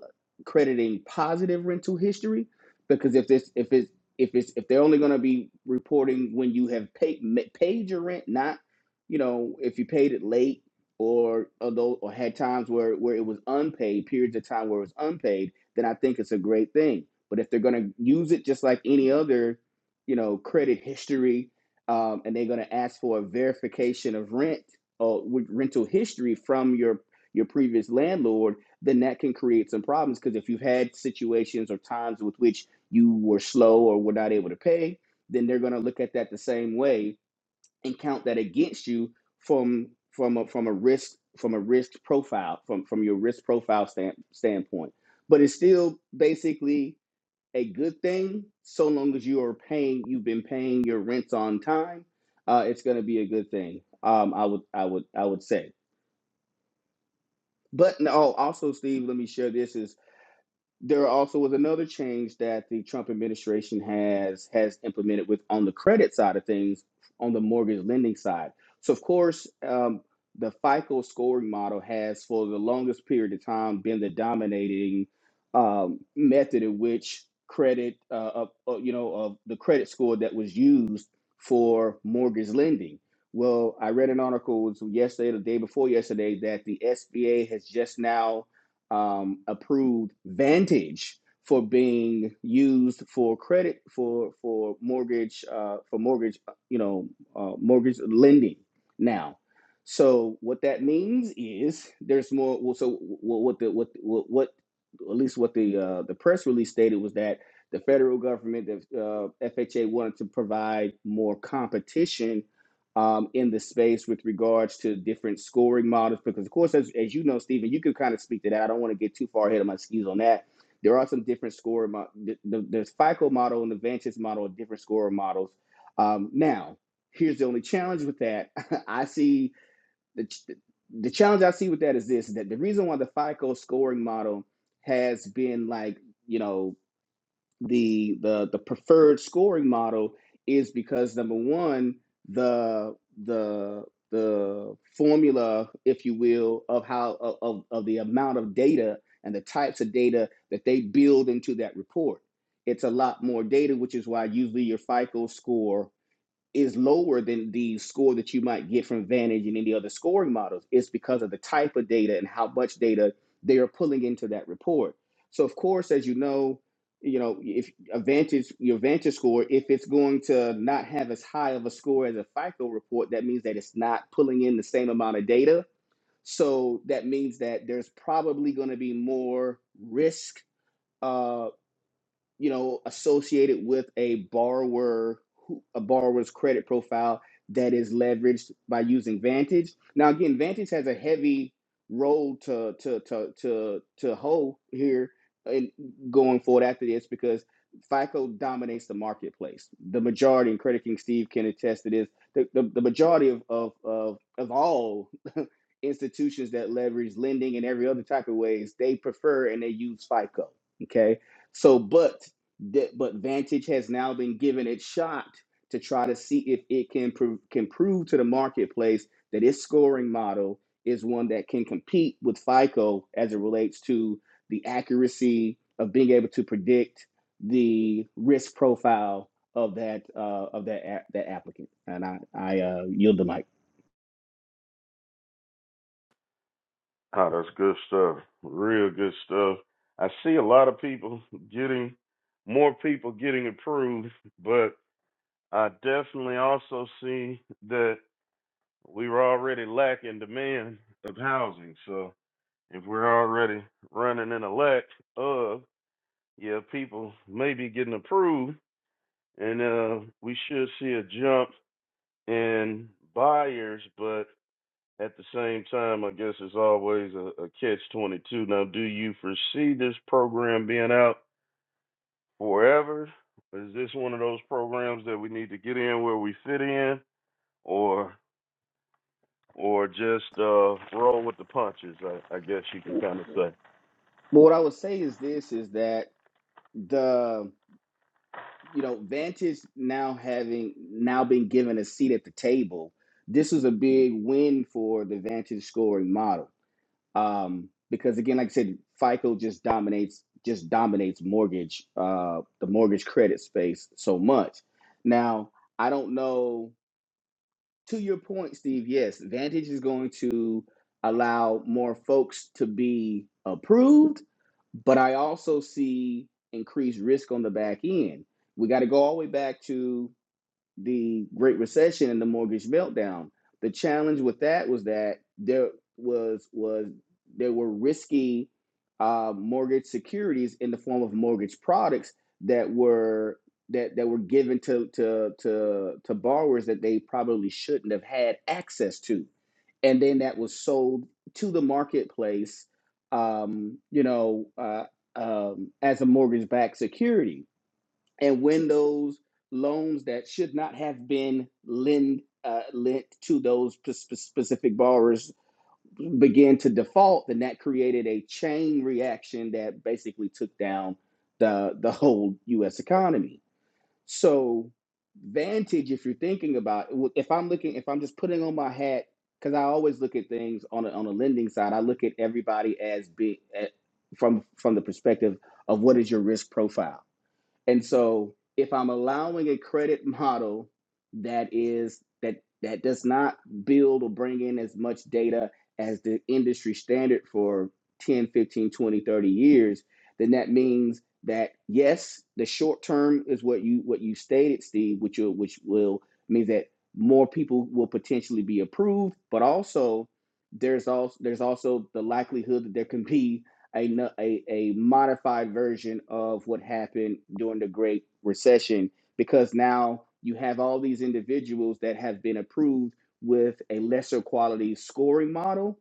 [SPEAKER 3] crediting positive rental history? Because if this, if it's, if it's, if they're only going to be reporting when you have paid ma- paid your rent, not you know if you paid it late or although or had times where where it was unpaid, periods of time where it was unpaid, then I think it's a great thing. But if they're going to use it just like any other, you know, credit history, um, and they're going to ask for a verification of rent or with rental history from your your previous landlord, then that can create some problems. Because if you've had situations or times with which you were slow or were not able to pay, then they're going to look at that the same way and count that against you from from a, from a risk from a risk profile from from your risk profile stand, standpoint. But it's still basically a good thing so long as you are paying you've been paying your rents on time. Uh, it's going to be a good thing. Um, I would I would I would say. But no, also, Steve, let me share this is there also was another change that the Trump administration has has implemented with on the credit side of things, on the mortgage lending side. So of course, um, the FICO scoring model has, for the longest period of time, been the dominating um, method in which credit, uh, uh, you know, of the credit score that was used for mortgage lending. Well, I read an article it was yesterday, the day before yesterday, that the SBA has just now um, approved Vantage for being used for credit for for mortgage uh, for mortgage you know uh, mortgage lending now. So what that means is there's more. Well, so what the what what, what at least what the uh, the press release stated was that the federal government, the uh, FHA, wanted to provide more competition um, in the space with regards to different scoring models. Because, of course, as, as you know, Stephen, you can kind of speak to that. I don't want to get too far ahead of my skis on that. There are some different score mo- There's FICO model and the Vantage model, different score models. Um, now, here's the only challenge with that. I see the, ch- the challenge I see with that is this that the reason why the FICO scoring model has been like, you know, the the the preferred scoring model is because number one the the the formula if you will of how of, of of the amount of data and the types of data that they build into that report it's a lot more data which is why usually your fico score is lower than the score that you might get from Vantage and any other scoring models. It's because of the type of data and how much data they are pulling into that report. So of course, as you know, you know, if a Vantage, your Vantage score, if it's going to not have as high of a score as a FICO report, that means that it's not pulling in the same amount of data. So that means that there's probably going to be more risk uh, you know, associated with a borrower, who- a borrower's credit profile that is leveraged by using Vantage. Now, again, Vantage has a heavy role to to to to to hoe here and going forward after this because FICO dominates the marketplace. The majority, and Credit King Steve can attest to this, the, the, the majority of of of, of all institutions that leverage lending and every other type of ways, they prefer and they use FICO. Okay so, but that but Vantage has now been given its shot to try to see if it can prove can prove to the marketplace that its scoring model is one that can compete with FICO as it relates to the accuracy of being able to predict the risk profile of that uh, of that a- that applicant. And I I uh, yield the mic.
[SPEAKER 1] Oh, that's good stuff. Real good stuff. I see a lot of people getting, more people getting approved, but I definitely also see that we were already lacking demand of housing. So if we're already running in a lack of, yeah, people may be getting approved, and uh, we should see a jump in buyers, but at the same time, I guess it's always a, a catch 22. Now, do you foresee this program being out forever? Is this one of those programs that we need to get in where we fit in, or? or just uh, roll with the punches. I, I guess you can
[SPEAKER 3] But
[SPEAKER 1] kind of say.
[SPEAKER 3] what I would say is this: is that the you know, Vantage now having now been given a seat at the table, this is a big win for the Vantage scoring model. Um, because again, like I said, FICO just dominates just dominates mortgage uh, the mortgage credit space so much. Now, I don't know to your point, Steve, yes, Vantage is going to allow more folks to be approved, but I also see increased risk on the back end. We got to go all the way back to the Great Recession and the mortgage meltdown. The challenge with that was that there was was there were risky uh, mortgage securities in the form of mortgage products that were that that were given to to to to borrowers that they probably shouldn't have had access to, and then that was sold to the marketplace, um, you know, uh, um, as a mortgage-backed security and when those loans that should not have been lend, uh, lent to those specific borrowers began to default, then that created a chain reaction that basically took down the the whole U.S. economy. So, Vantage, if you're thinking about, if I'm looking, if I'm just putting on my hat, because I always look at things on a, on a lending side, I look at everybody as big at, from from the perspective of what is your risk profile and so if I'm allowing a credit model that is that that does not build or bring in as much data as the industry standard for 10, 15, 20, 30 years, then that means that yes, the short term is what you what you stated, Steve, which will which will mean that more people will potentially be approved, but also there's also there's also the likelihood that there can be a, no- a, a modified version of what happened during the Great Recession because now you have all these individuals that have been approved with a lesser quality scoring model.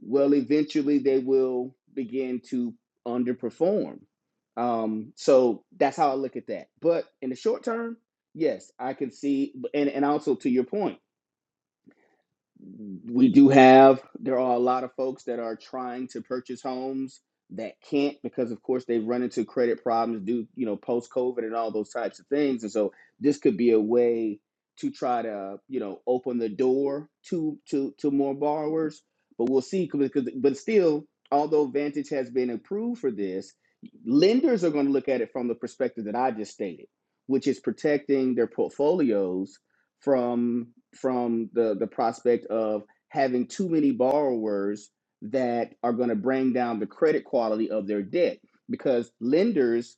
[SPEAKER 3] Well, eventually they will begin to underperform. Um, so that's how I look at that. But in the short term, yes, I can see, and, and also to your point we do have there are a lot of folks that are trying to purchase homes that can't because of course they've run into credit problems due you know post covid and all those types of things and so this could be a way to try to you know open the door to to to more borrowers but we'll see see. because but still although vantage has been approved for this lenders are going to look at it from the perspective that i just stated which is protecting their portfolios from from the the prospect of having too many borrowers that are going to bring down the credit quality of their debt because lenders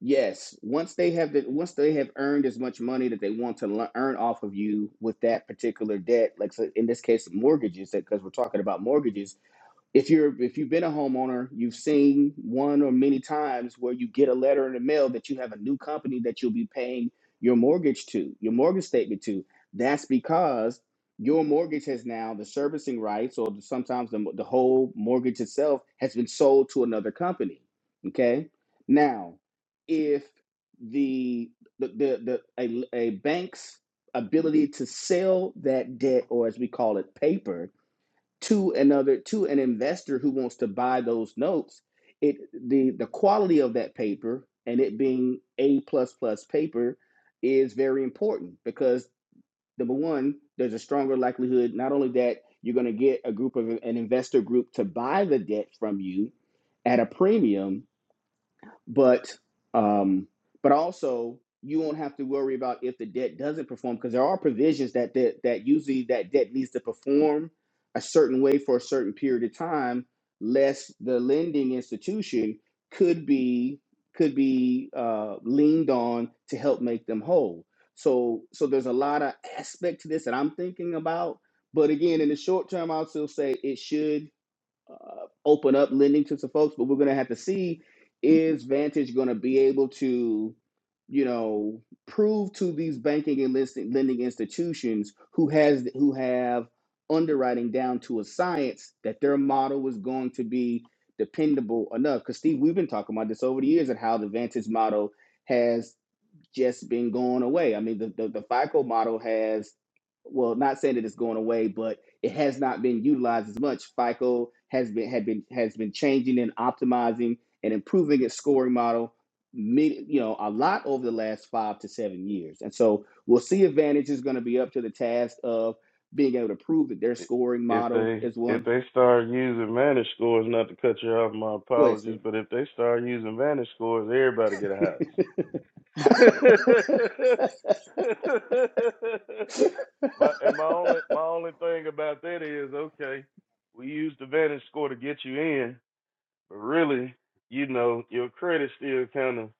[SPEAKER 3] yes once they have the once they have earned as much money that they want to le- earn off of you with that particular debt like so in this case mortgages because we're talking about mortgages if you're if you've been a homeowner, you've seen one or many times where you get a letter in the mail that you have a new company that you'll be paying your mortgage to, your mortgage statement to. That's because your mortgage has now the servicing rights or sometimes the, the whole mortgage itself has been sold to another company. Okay. Now, if the the the, the a, a bank's ability to sell that debt or as we call it paper to another to an investor who wants to buy those notes it the the quality of that paper and it being a plus plus paper is very important because number one there's a stronger likelihood not only that you're going to get a group of an investor group to buy the debt from you at a premium but um, but also you won't have to worry about if the debt doesn't perform because there are provisions that, that that usually that debt needs to perform a certain way for a certain period of time, lest the lending institution could be could be uh, leaned on to help make them whole. So so there's a lot of aspect to this that I'm thinking about. But again, in the short term, I'll still say it should uh, open up lending to some folks, but we're going to have to see is Vantage going to be able to, you know, prove to these banking and listing, lending institutions who has who have underwriting down to a science that their model was going to be dependable enough. Because Steve, we've been talking about this over the years and how the Vantage model has just been going away. I mean, the, the, the FICO model has, well, not saying that it's going away, but it has not been utilized as much. FICO has been had been has been changing and optimizing and improving its scoring model, you know, a lot over the last five to seven years. And so we'll see if Vantage is going to be up to the task of being able to prove that their
[SPEAKER 1] I-
[SPEAKER 3] scoring
[SPEAKER 1] If
[SPEAKER 3] model
[SPEAKER 1] they
[SPEAKER 3] is
[SPEAKER 1] if
[SPEAKER 3] one.
[SPEAKER 1] they start using Vantage scores, not to cut you off, my
[SPEAKER 3] Go ahead,
[SPEAKER 1] apologies,
[SPEAKER 3] Steve.
[SPEAKER 1] but if they start using Vantage scores, everybody get a house. my and my only my only thing about that is okay, we use the Vantage score to get you in, but really, you know, your credit's still kind of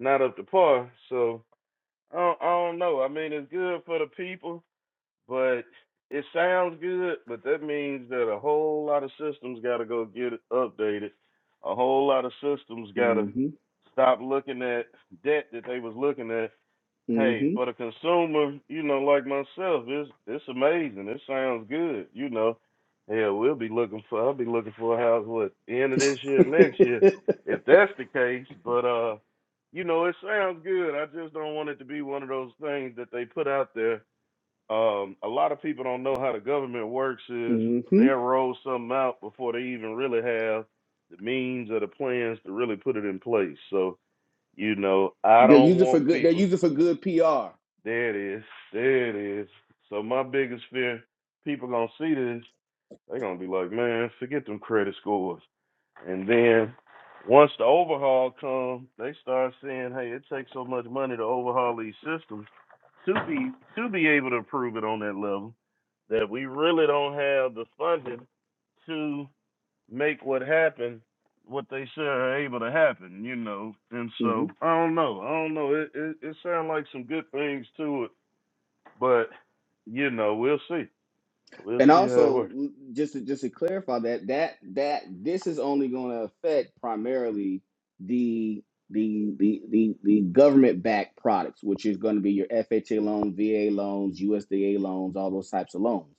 [SPEAKER 1] not up to par, so I don't, I don't know. I mean, it's good for the people, but it sounds good, but that means that a whole lot of systems got to go get it updated. A whole lot of systems got to
[SPEAKER 3] hmm
[SPEAKER 1] stop looking at debt that they was looking at. Hey,
[SPEAKER 3] hmm
[SPEAKER 1] for the consumer, you know, like myself, it's it's amazing. It sounds good, you know. Hell, we'll be looking for. I'll be looking for a house what end of this year, next year, if that's the case. But uh, you know, it sounds good. I just don't want it to be one of those things that they put out there um, a lot of people don't know how the government works is
[SPEAKER 3] hmm
[SPEAKER 1] they'll roll something out before they even really have the means or the plans to really put it in place. So, you know, I
[SPEAKER 3] They're
[SPEAKER 1] don't
[SPEAKER 3] using for
[SPEAKER 1] want
[SPEAKER 3] good. They're
[SPEAKER 1] people
[SPEAKER 3] using for good PR.
[SPEAKER 1] there it is. There it is. So my biggest fear, people gonna see this, they're gonna be like, Man, forget them credit scores and then once the overhaul comes, they start saying, Hey, it takes so much money to overhaul these systems to be to be able to approve it on that level that we really don't have the funding to make what happen what they say are able to happen, you know. And
[SPEAKER 3] hmm
[SPEAKER 1] so I don't know. I don't know. It it, it sounds like some good things to it, but you know, we'll see. We'll
[SPEAKER 3] And
[SPEAKER 1] see how it
[SPEAKER 3] also,
[SPEAKER 1] works.
[SPEAKER 3] just to, just to clarify that that that this is only going to affect primarily the the the the, the government backed products, which is going to be your FHA loans, VA loans, USDA loans, all those types of loans.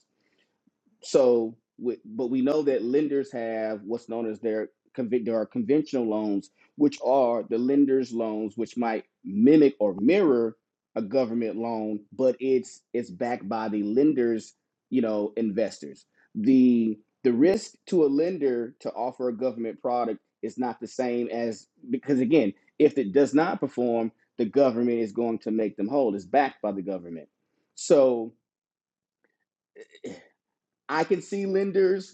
[SPEAKER 3] So, with, but we know that lenders have what's known as their convi- there are conventional loans, which are the lender's loans, which might mimic or mirror a government loan, but it's it's backed by the lender's you know investors. the The risk to a lender to offer a government product is not the same as because again, if it does not perform, the government is going to make them whole. It's backed by the government, so I can see lenders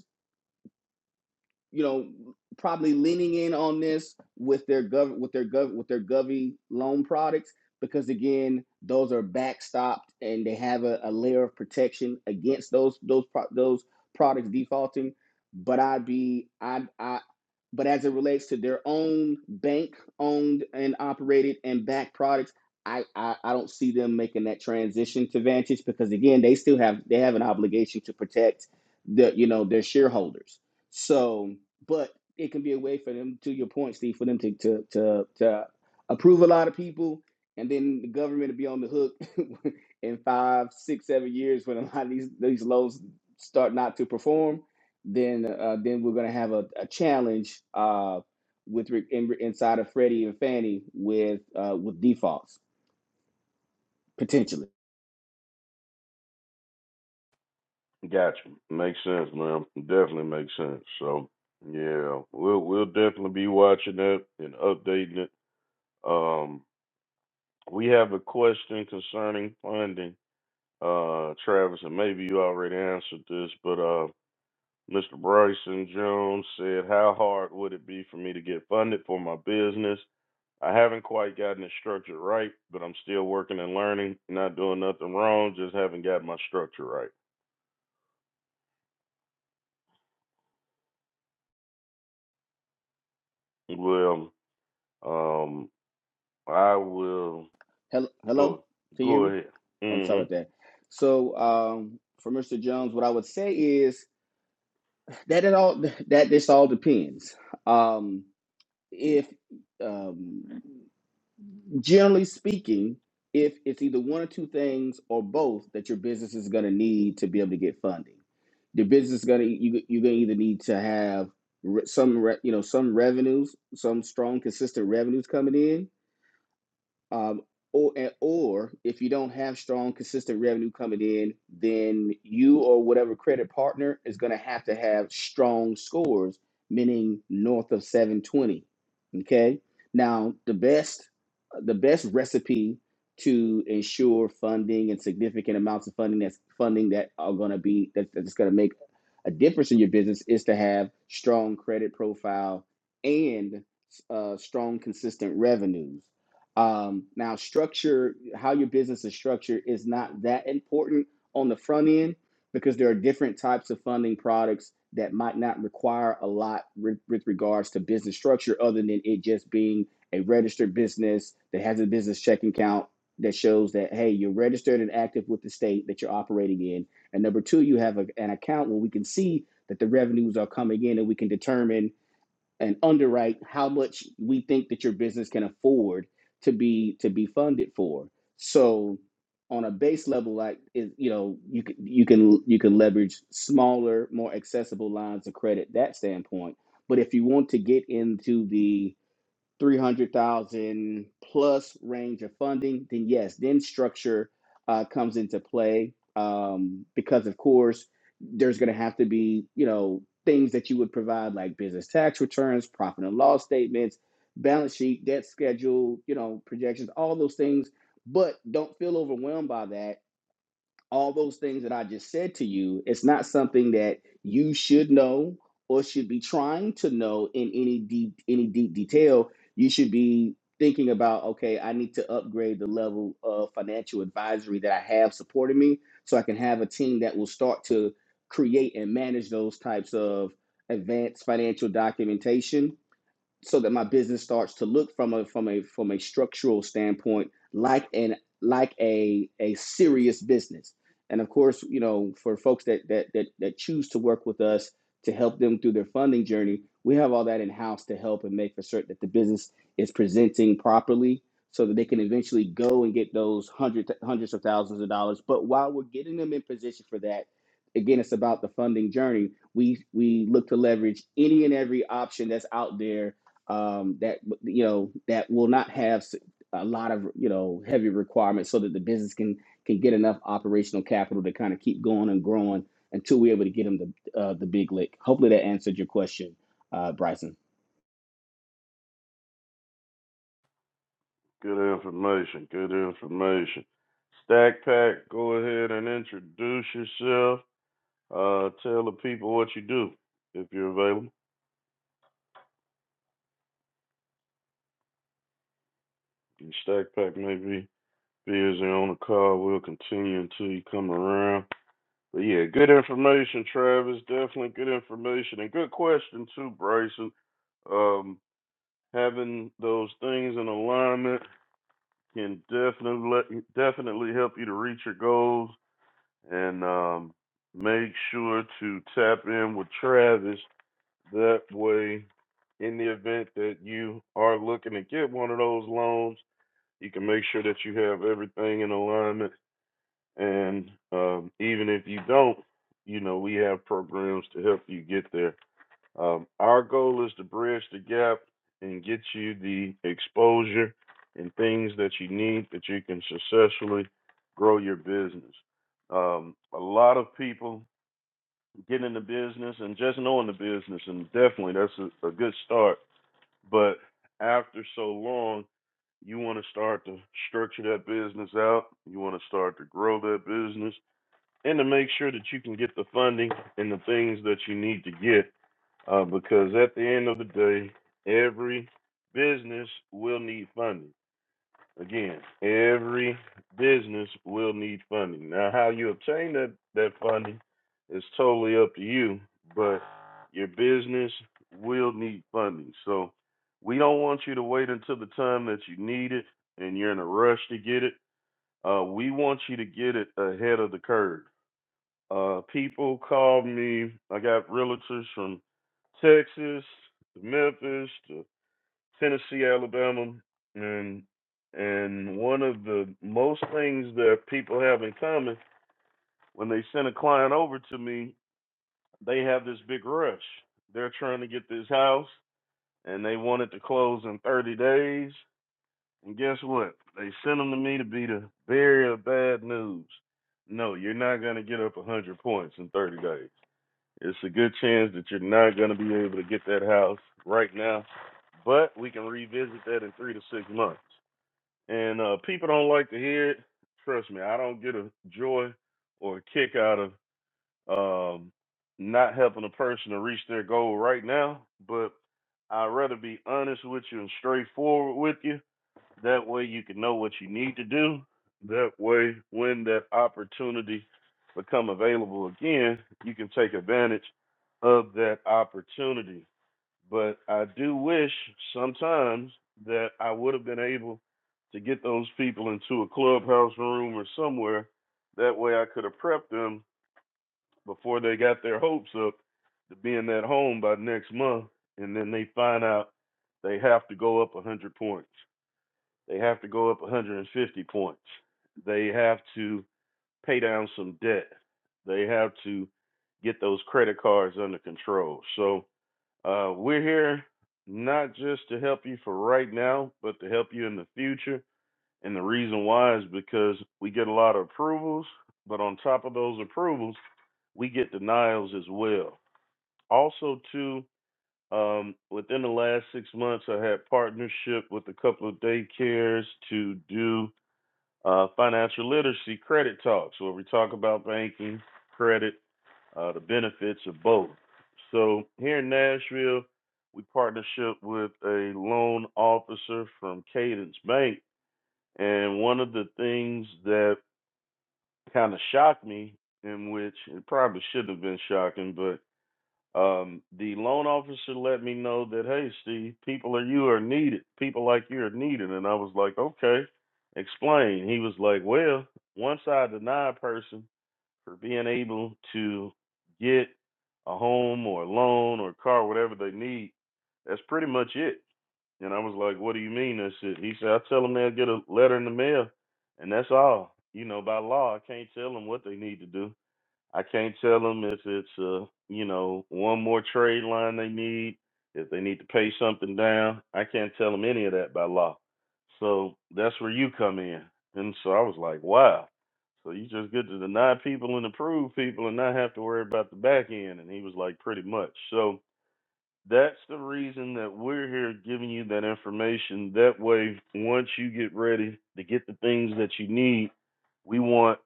[SPEAKER 3] you know, probably leaning in on this with their gov with their gov with their Govy loan products because again, those are backstopped and they have a, a layer of protection against those those pro- those products defaulting. But I'd be I I but as it relates to their own bank owned and operated and backed products I, I i don't see them making that transition to vantage because again they still have they have an obligation to protect the you know their shareholders so but it can be a way for them to your point steve for them to to to, to approve a lot of people and then the government to be on the hook in five six seven years when a lot of these these loans start not to perform then uh, then we're gonna have a, a challenge uh, with re- in, inside of Freddie and Fannie with uh, with defaults potentially.
[SPEAKER 1] Gotcha. Makes sense, man. Definitely makes sense. So yeah, we'll we'll definitely be watching that and updating it. Um we have a question concerning funding Uh, Travis, and maybe you already answered this, but uh, Mr. Bryson Jones said, "How hard would it be for me to get funded for my business? I haven't quite gotten it structured right, but I'm still working and learning. Not doing nothing wrong, just haven't got my structure right." Well, um, I will
[SPEAKER 3] Hello, hello,
[SPEAKER 1] go
[SPEAKER 3] can you hear
[SPEAKER 1] go
[SPEAKER 3] me?
[SPEAKER 1] ahead.
[SPEAKER 3] I'm
[SPEAKER 1] hmm
[SPEAKER 3] sorry about that. So um, for Mr. Jones, what I would say is that it all that this all depends. Um, if um, generally speaking, if it's either one or two things or both that your business is going to need to be able to get funding, the business is going to you, you're going to either need to have re- some re, you know some revenues, some strong consistent revenues coming in, um, or, and- or if you don't have strong, consistent revenue coming in, then you or whatever credit partner is going to have to have strong scores, meaning north of 720. Okay. Now, the best, the best recipe to ensure funding and significant amounts of funding that's funding that are going to be that, that's going to make a difference in your business is to have strong credit profile and uh, strong, consistent revenues. Um, now, structure, how your business is structured, is not that important on the front end because there are different types of funding products that might not require a lot with, with regards to business structure, other than it just being a registered business that has a business checking account that shows that hey, you're registered and active with the state that you're operating in, and number two, you have a, an account where we can see that the revenues are coming in and we can determine and underwrite how much we think that your business can afford to be to be funded for. So on a base level, like is you know you can you can you can leverage smaller, more accessible lines of credit that standpoint. But if you want to get into the 300,000 plus range of funding, then yes, then structure uh, comes into play um, because, of course, there's going to have to be, you know, things that you would provide like business tax returns, profit and loss statements, balance sheet, debt schedule, you know, projections, all those things. But don't feel overwhelmed by that all those things that I just said to you, it's not something that you should know or should be trying to know in any deep any deep detail. You should be thinking about, okay, I need to upgrade the level of financial advisory that I have supporting me so I can have a team that will start to create and manage those types of advanced financial documentation so that my business starts to look from a from a from a structural standpoint like an like a a serious business and of course you know for folks that that that, that choose to work with us to help them through their funding journey we have all that in house to help and make for certain that the business is presenting properly so that they can eventually go and get those hundreds hundreds of thousands of dollars but while we're getting them in position for that again it's about the funding journey we we look to leverage any and every option that's out there um, that you know that will not have s- a lot of you know heavy requirements, so that the business can can get enough operational capital to kind of keep going and growing until we're able to get them the uh, the big lick. Hopefully that answered your question, uh, Bryson.
[SPEAKER 1] Good information. Good information. Stack Pack, go ahead and introduce yourself. Uh, tell the people what you do if you're available. And Stack Pack may be busy on the call. We'll continue until you come around. But yeah, good information, Travis. Definitely good information and good question too, Bryson. Um, having those things in alignment can definitely definitely help you to reach your goals and um, make sure to tap in with Travis That way, in the event that you are looking to get one of those loans, you can make sure that you have everything in alignment. And um, even if you don't, you know, we have programs to help you get there. Um, our goal is to bridge the gap and get you the exposure and things that you need that you can successfully grow your business. Um, a lot of people getting in the business and just knowing the business and definitely that's a, a good start but after so long you want to start to structure that business out you want to start to grow that business and to make sure that you can get the funding and the things that you need to get uh, because at the end of the day every business will need funding Again, every business will need funding. Now, how you obtain that, that funding is totally up to you, but your business will need funding. So, we don't want you to wait until the time that you need it and you're in a rush to get it. Uh, we want you to get it ahead of the curve. Uh, people call me, I got realtors from Texas to Memphis to Tennessee, Alabama, and and one of the most things that people have in common when they send a client over to me, they have this big rush. They're trying to get this house and they want it to close in 30 days. And guess what? They send them to me to be the bearer of bad news. No, you're not going to get up 100 points in 30 days. It's a good chance that you're not going to be able to get that house right now, but we can revisit that in three to six months. and uh, people don't like to hear it. Trust me, I don't get a joy or a kick out of um, not helping a person to reach their goal right now, but I'd rather be honest with you and straightforward with you. That way, you can know what you need to do. That way, when that opportunity become available again, you can take advantage of that opportunity. But I do wish sometimes that I would have been able to get those people into a clubhouse room or somewhere. That way I could have prepped them before they got their hopes up to being at home by next month. And then they find out they have to go up 100 points. They have to go up 150 points. They have to pay down some debt. They have to get those credit cards under control. So, uh, we're here not just to help you for right now, but to help you in the future. And the reason why is because we get a lot of approvals, but on top of those approvals, we get denials as well. Also, too, um, within the last six months, I had partnership with a couple of daycares to do uh, financial literacy credit talks, where we talk about banking, credit, uh, the benefits of both. So here in Nashville, we partnership with a loan officer from Cadence Bank, and one of the things that kind of shocked me, in which it probably shouldn't have been shocking, but um, the loan officer let me know that hey, Steve, people like you are needed. People like you are needed, and I was like, okay, explain. He was like, well, once I deny a person, for being able to get a home or a loan or a car, whatever they need. That's pretty much it. And I was like, what do you mean that's it? He said, I tell them they'll get a letter in the mail, and that's all. You know, by law, I can't tell them what they need to do. I can't tell them if it's uh, you know one more trade line they need, if they need to pay something down. I can't tell them any of that by law. So that's where you come in. And so I was like, wow. So you just get to deny people and approve people and not have to worry about the back end. And he was like, pretty much. So that's the reason that we're here giving you that information. That way, once you get ready to get the things that you need, we want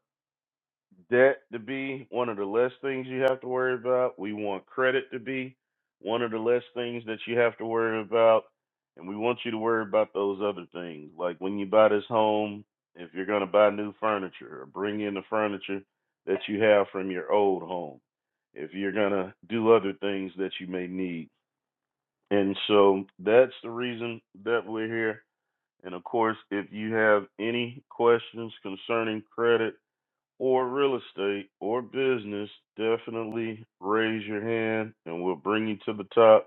[SPEAKER 1] debt to be one of the less things you have to worry about. We want credit to be one of the less things that you have to worry about. And we want you to worry about those other things. Like when you buy this home, if you're going to buy new furniture or bring in the furniture that you have from your old home, if you're going to do other things that you may need. And so that's the reason that we're here. And of course, if you have any questions concerning credit, or real estate or business, definitely raise your hand and we'll bring you to the top.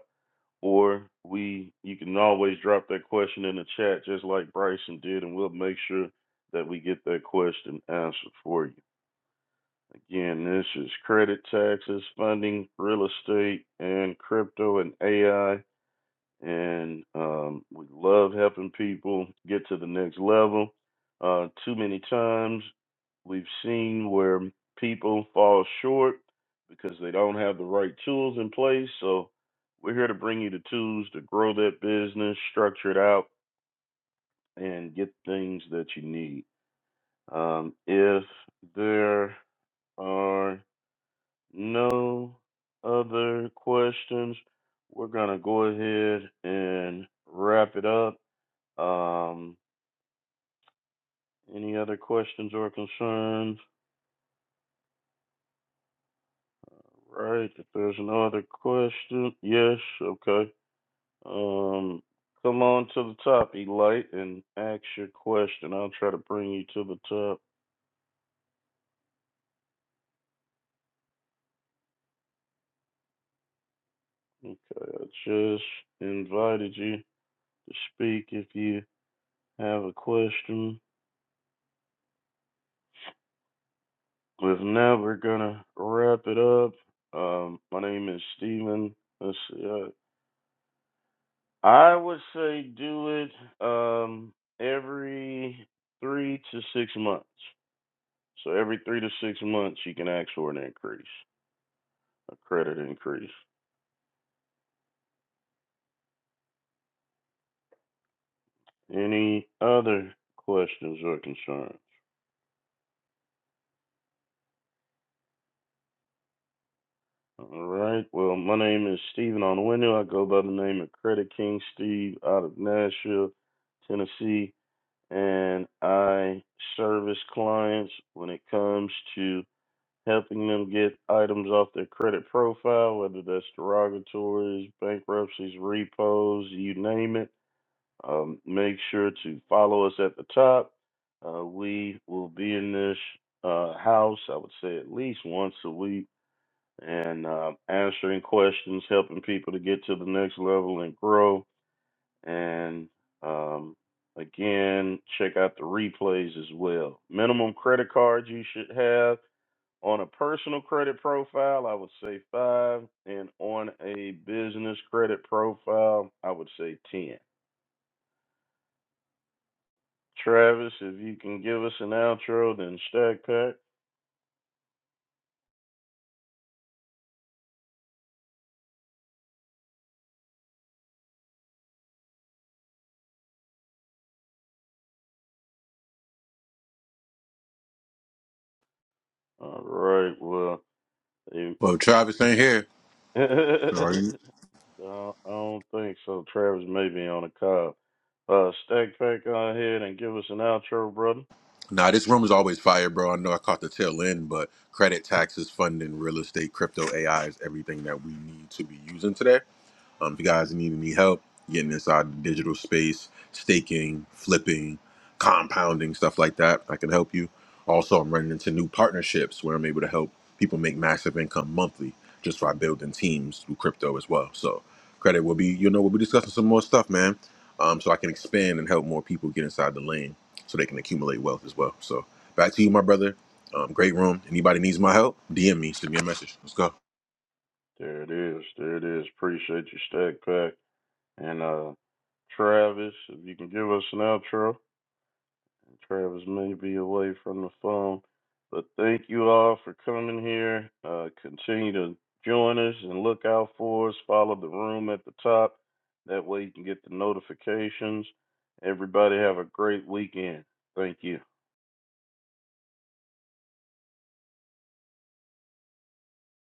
[SPEAKER 1] Or we, you can always drop that question in the chat, just like Bryson did, and we'll make sure that we get that question answered for you. Again, this is credit taxes, funding, real estate, and crypto and AI and um, we love helping people get to the next level. Uh, too many times we've seen where people fall short because they don't have the right tools in place. So we're here to bring you the tools to grow that business, structure it out, and get things that you need. Um, if there are no other questions, we're going to go ahead and wrap it up. Um, any other questions or concerns? All Right, if there's no other question, yes, okay. Um, come on to the top, Elite, and ask your question. I'll try to bring you to the top. Okay, I just invited you to speak if you have a question. With now, we're gonna wrap it up. Um, my name is Steven. Let's see. I I would say do it um every three to six months. So every three to six months you can ask for an increase, a credit increase. Any other questions or concerns? All right. Well, my name is Stephen Onwenu. I go by the name of Credit King Steve out of Nashville, Tennessee, and I service clients when it comes to helping them get items off their credit profile, whether that's derogatories, bankruptcies, repos, you name it. Um, make sure to follow us at the top. Uh, we will be in this uh, house, I would say, at least once a week and uh, answering questions, helping people to get to the next level and grow. And um, again, check out the replays as well. Minimum credit cards you should have on a personal credit profile, I would say five, and on a business credit profile, I would say ten. Travis, if you can give us an outro, then stack pack. All right, well, you-
[SPEAKER 4] Well, Travis ain't here. Are
[SPEAKER 1] I
[SPEAKER 4] you?
[SPEAKER 1] don't I don't think so. Travis may be on a call. Uh, stack pack, go ahead and give us an outro, brother.
[SPEAKER 4] Nah, this room is always fire, bro. I know I caught the tail end, but credit, taxes, funding, real estate, crypto, AI is everything that we need to be using today. Um, if you guys need any help getting inside the digital space, staking, flipping, compounding, stuff like that, I can help you. Also, I'm running into new partnerships where I'm able to help people make massive income monthly just by building teams through crypto as well. So, credit will be, you know, we'll be discussing some more stuff, man. Um, so I can expand and help more people get inside the lane so they can accumulate wealth as well. So, back to you, my brother. Um, great room. Anybody needs my help? DM me, send me a message. Let's go.
[SPEAKER 1] There it is. There it is. Appreciate you, stack pack, and uh, Travis, if you can give us an outro. and Travis may be away from the phone, but thank you all for coming here. Uh, continue to join us and look out for us. Follow the room at the top. That way you can get the notifications. Everybody have a great weekend. Thank you.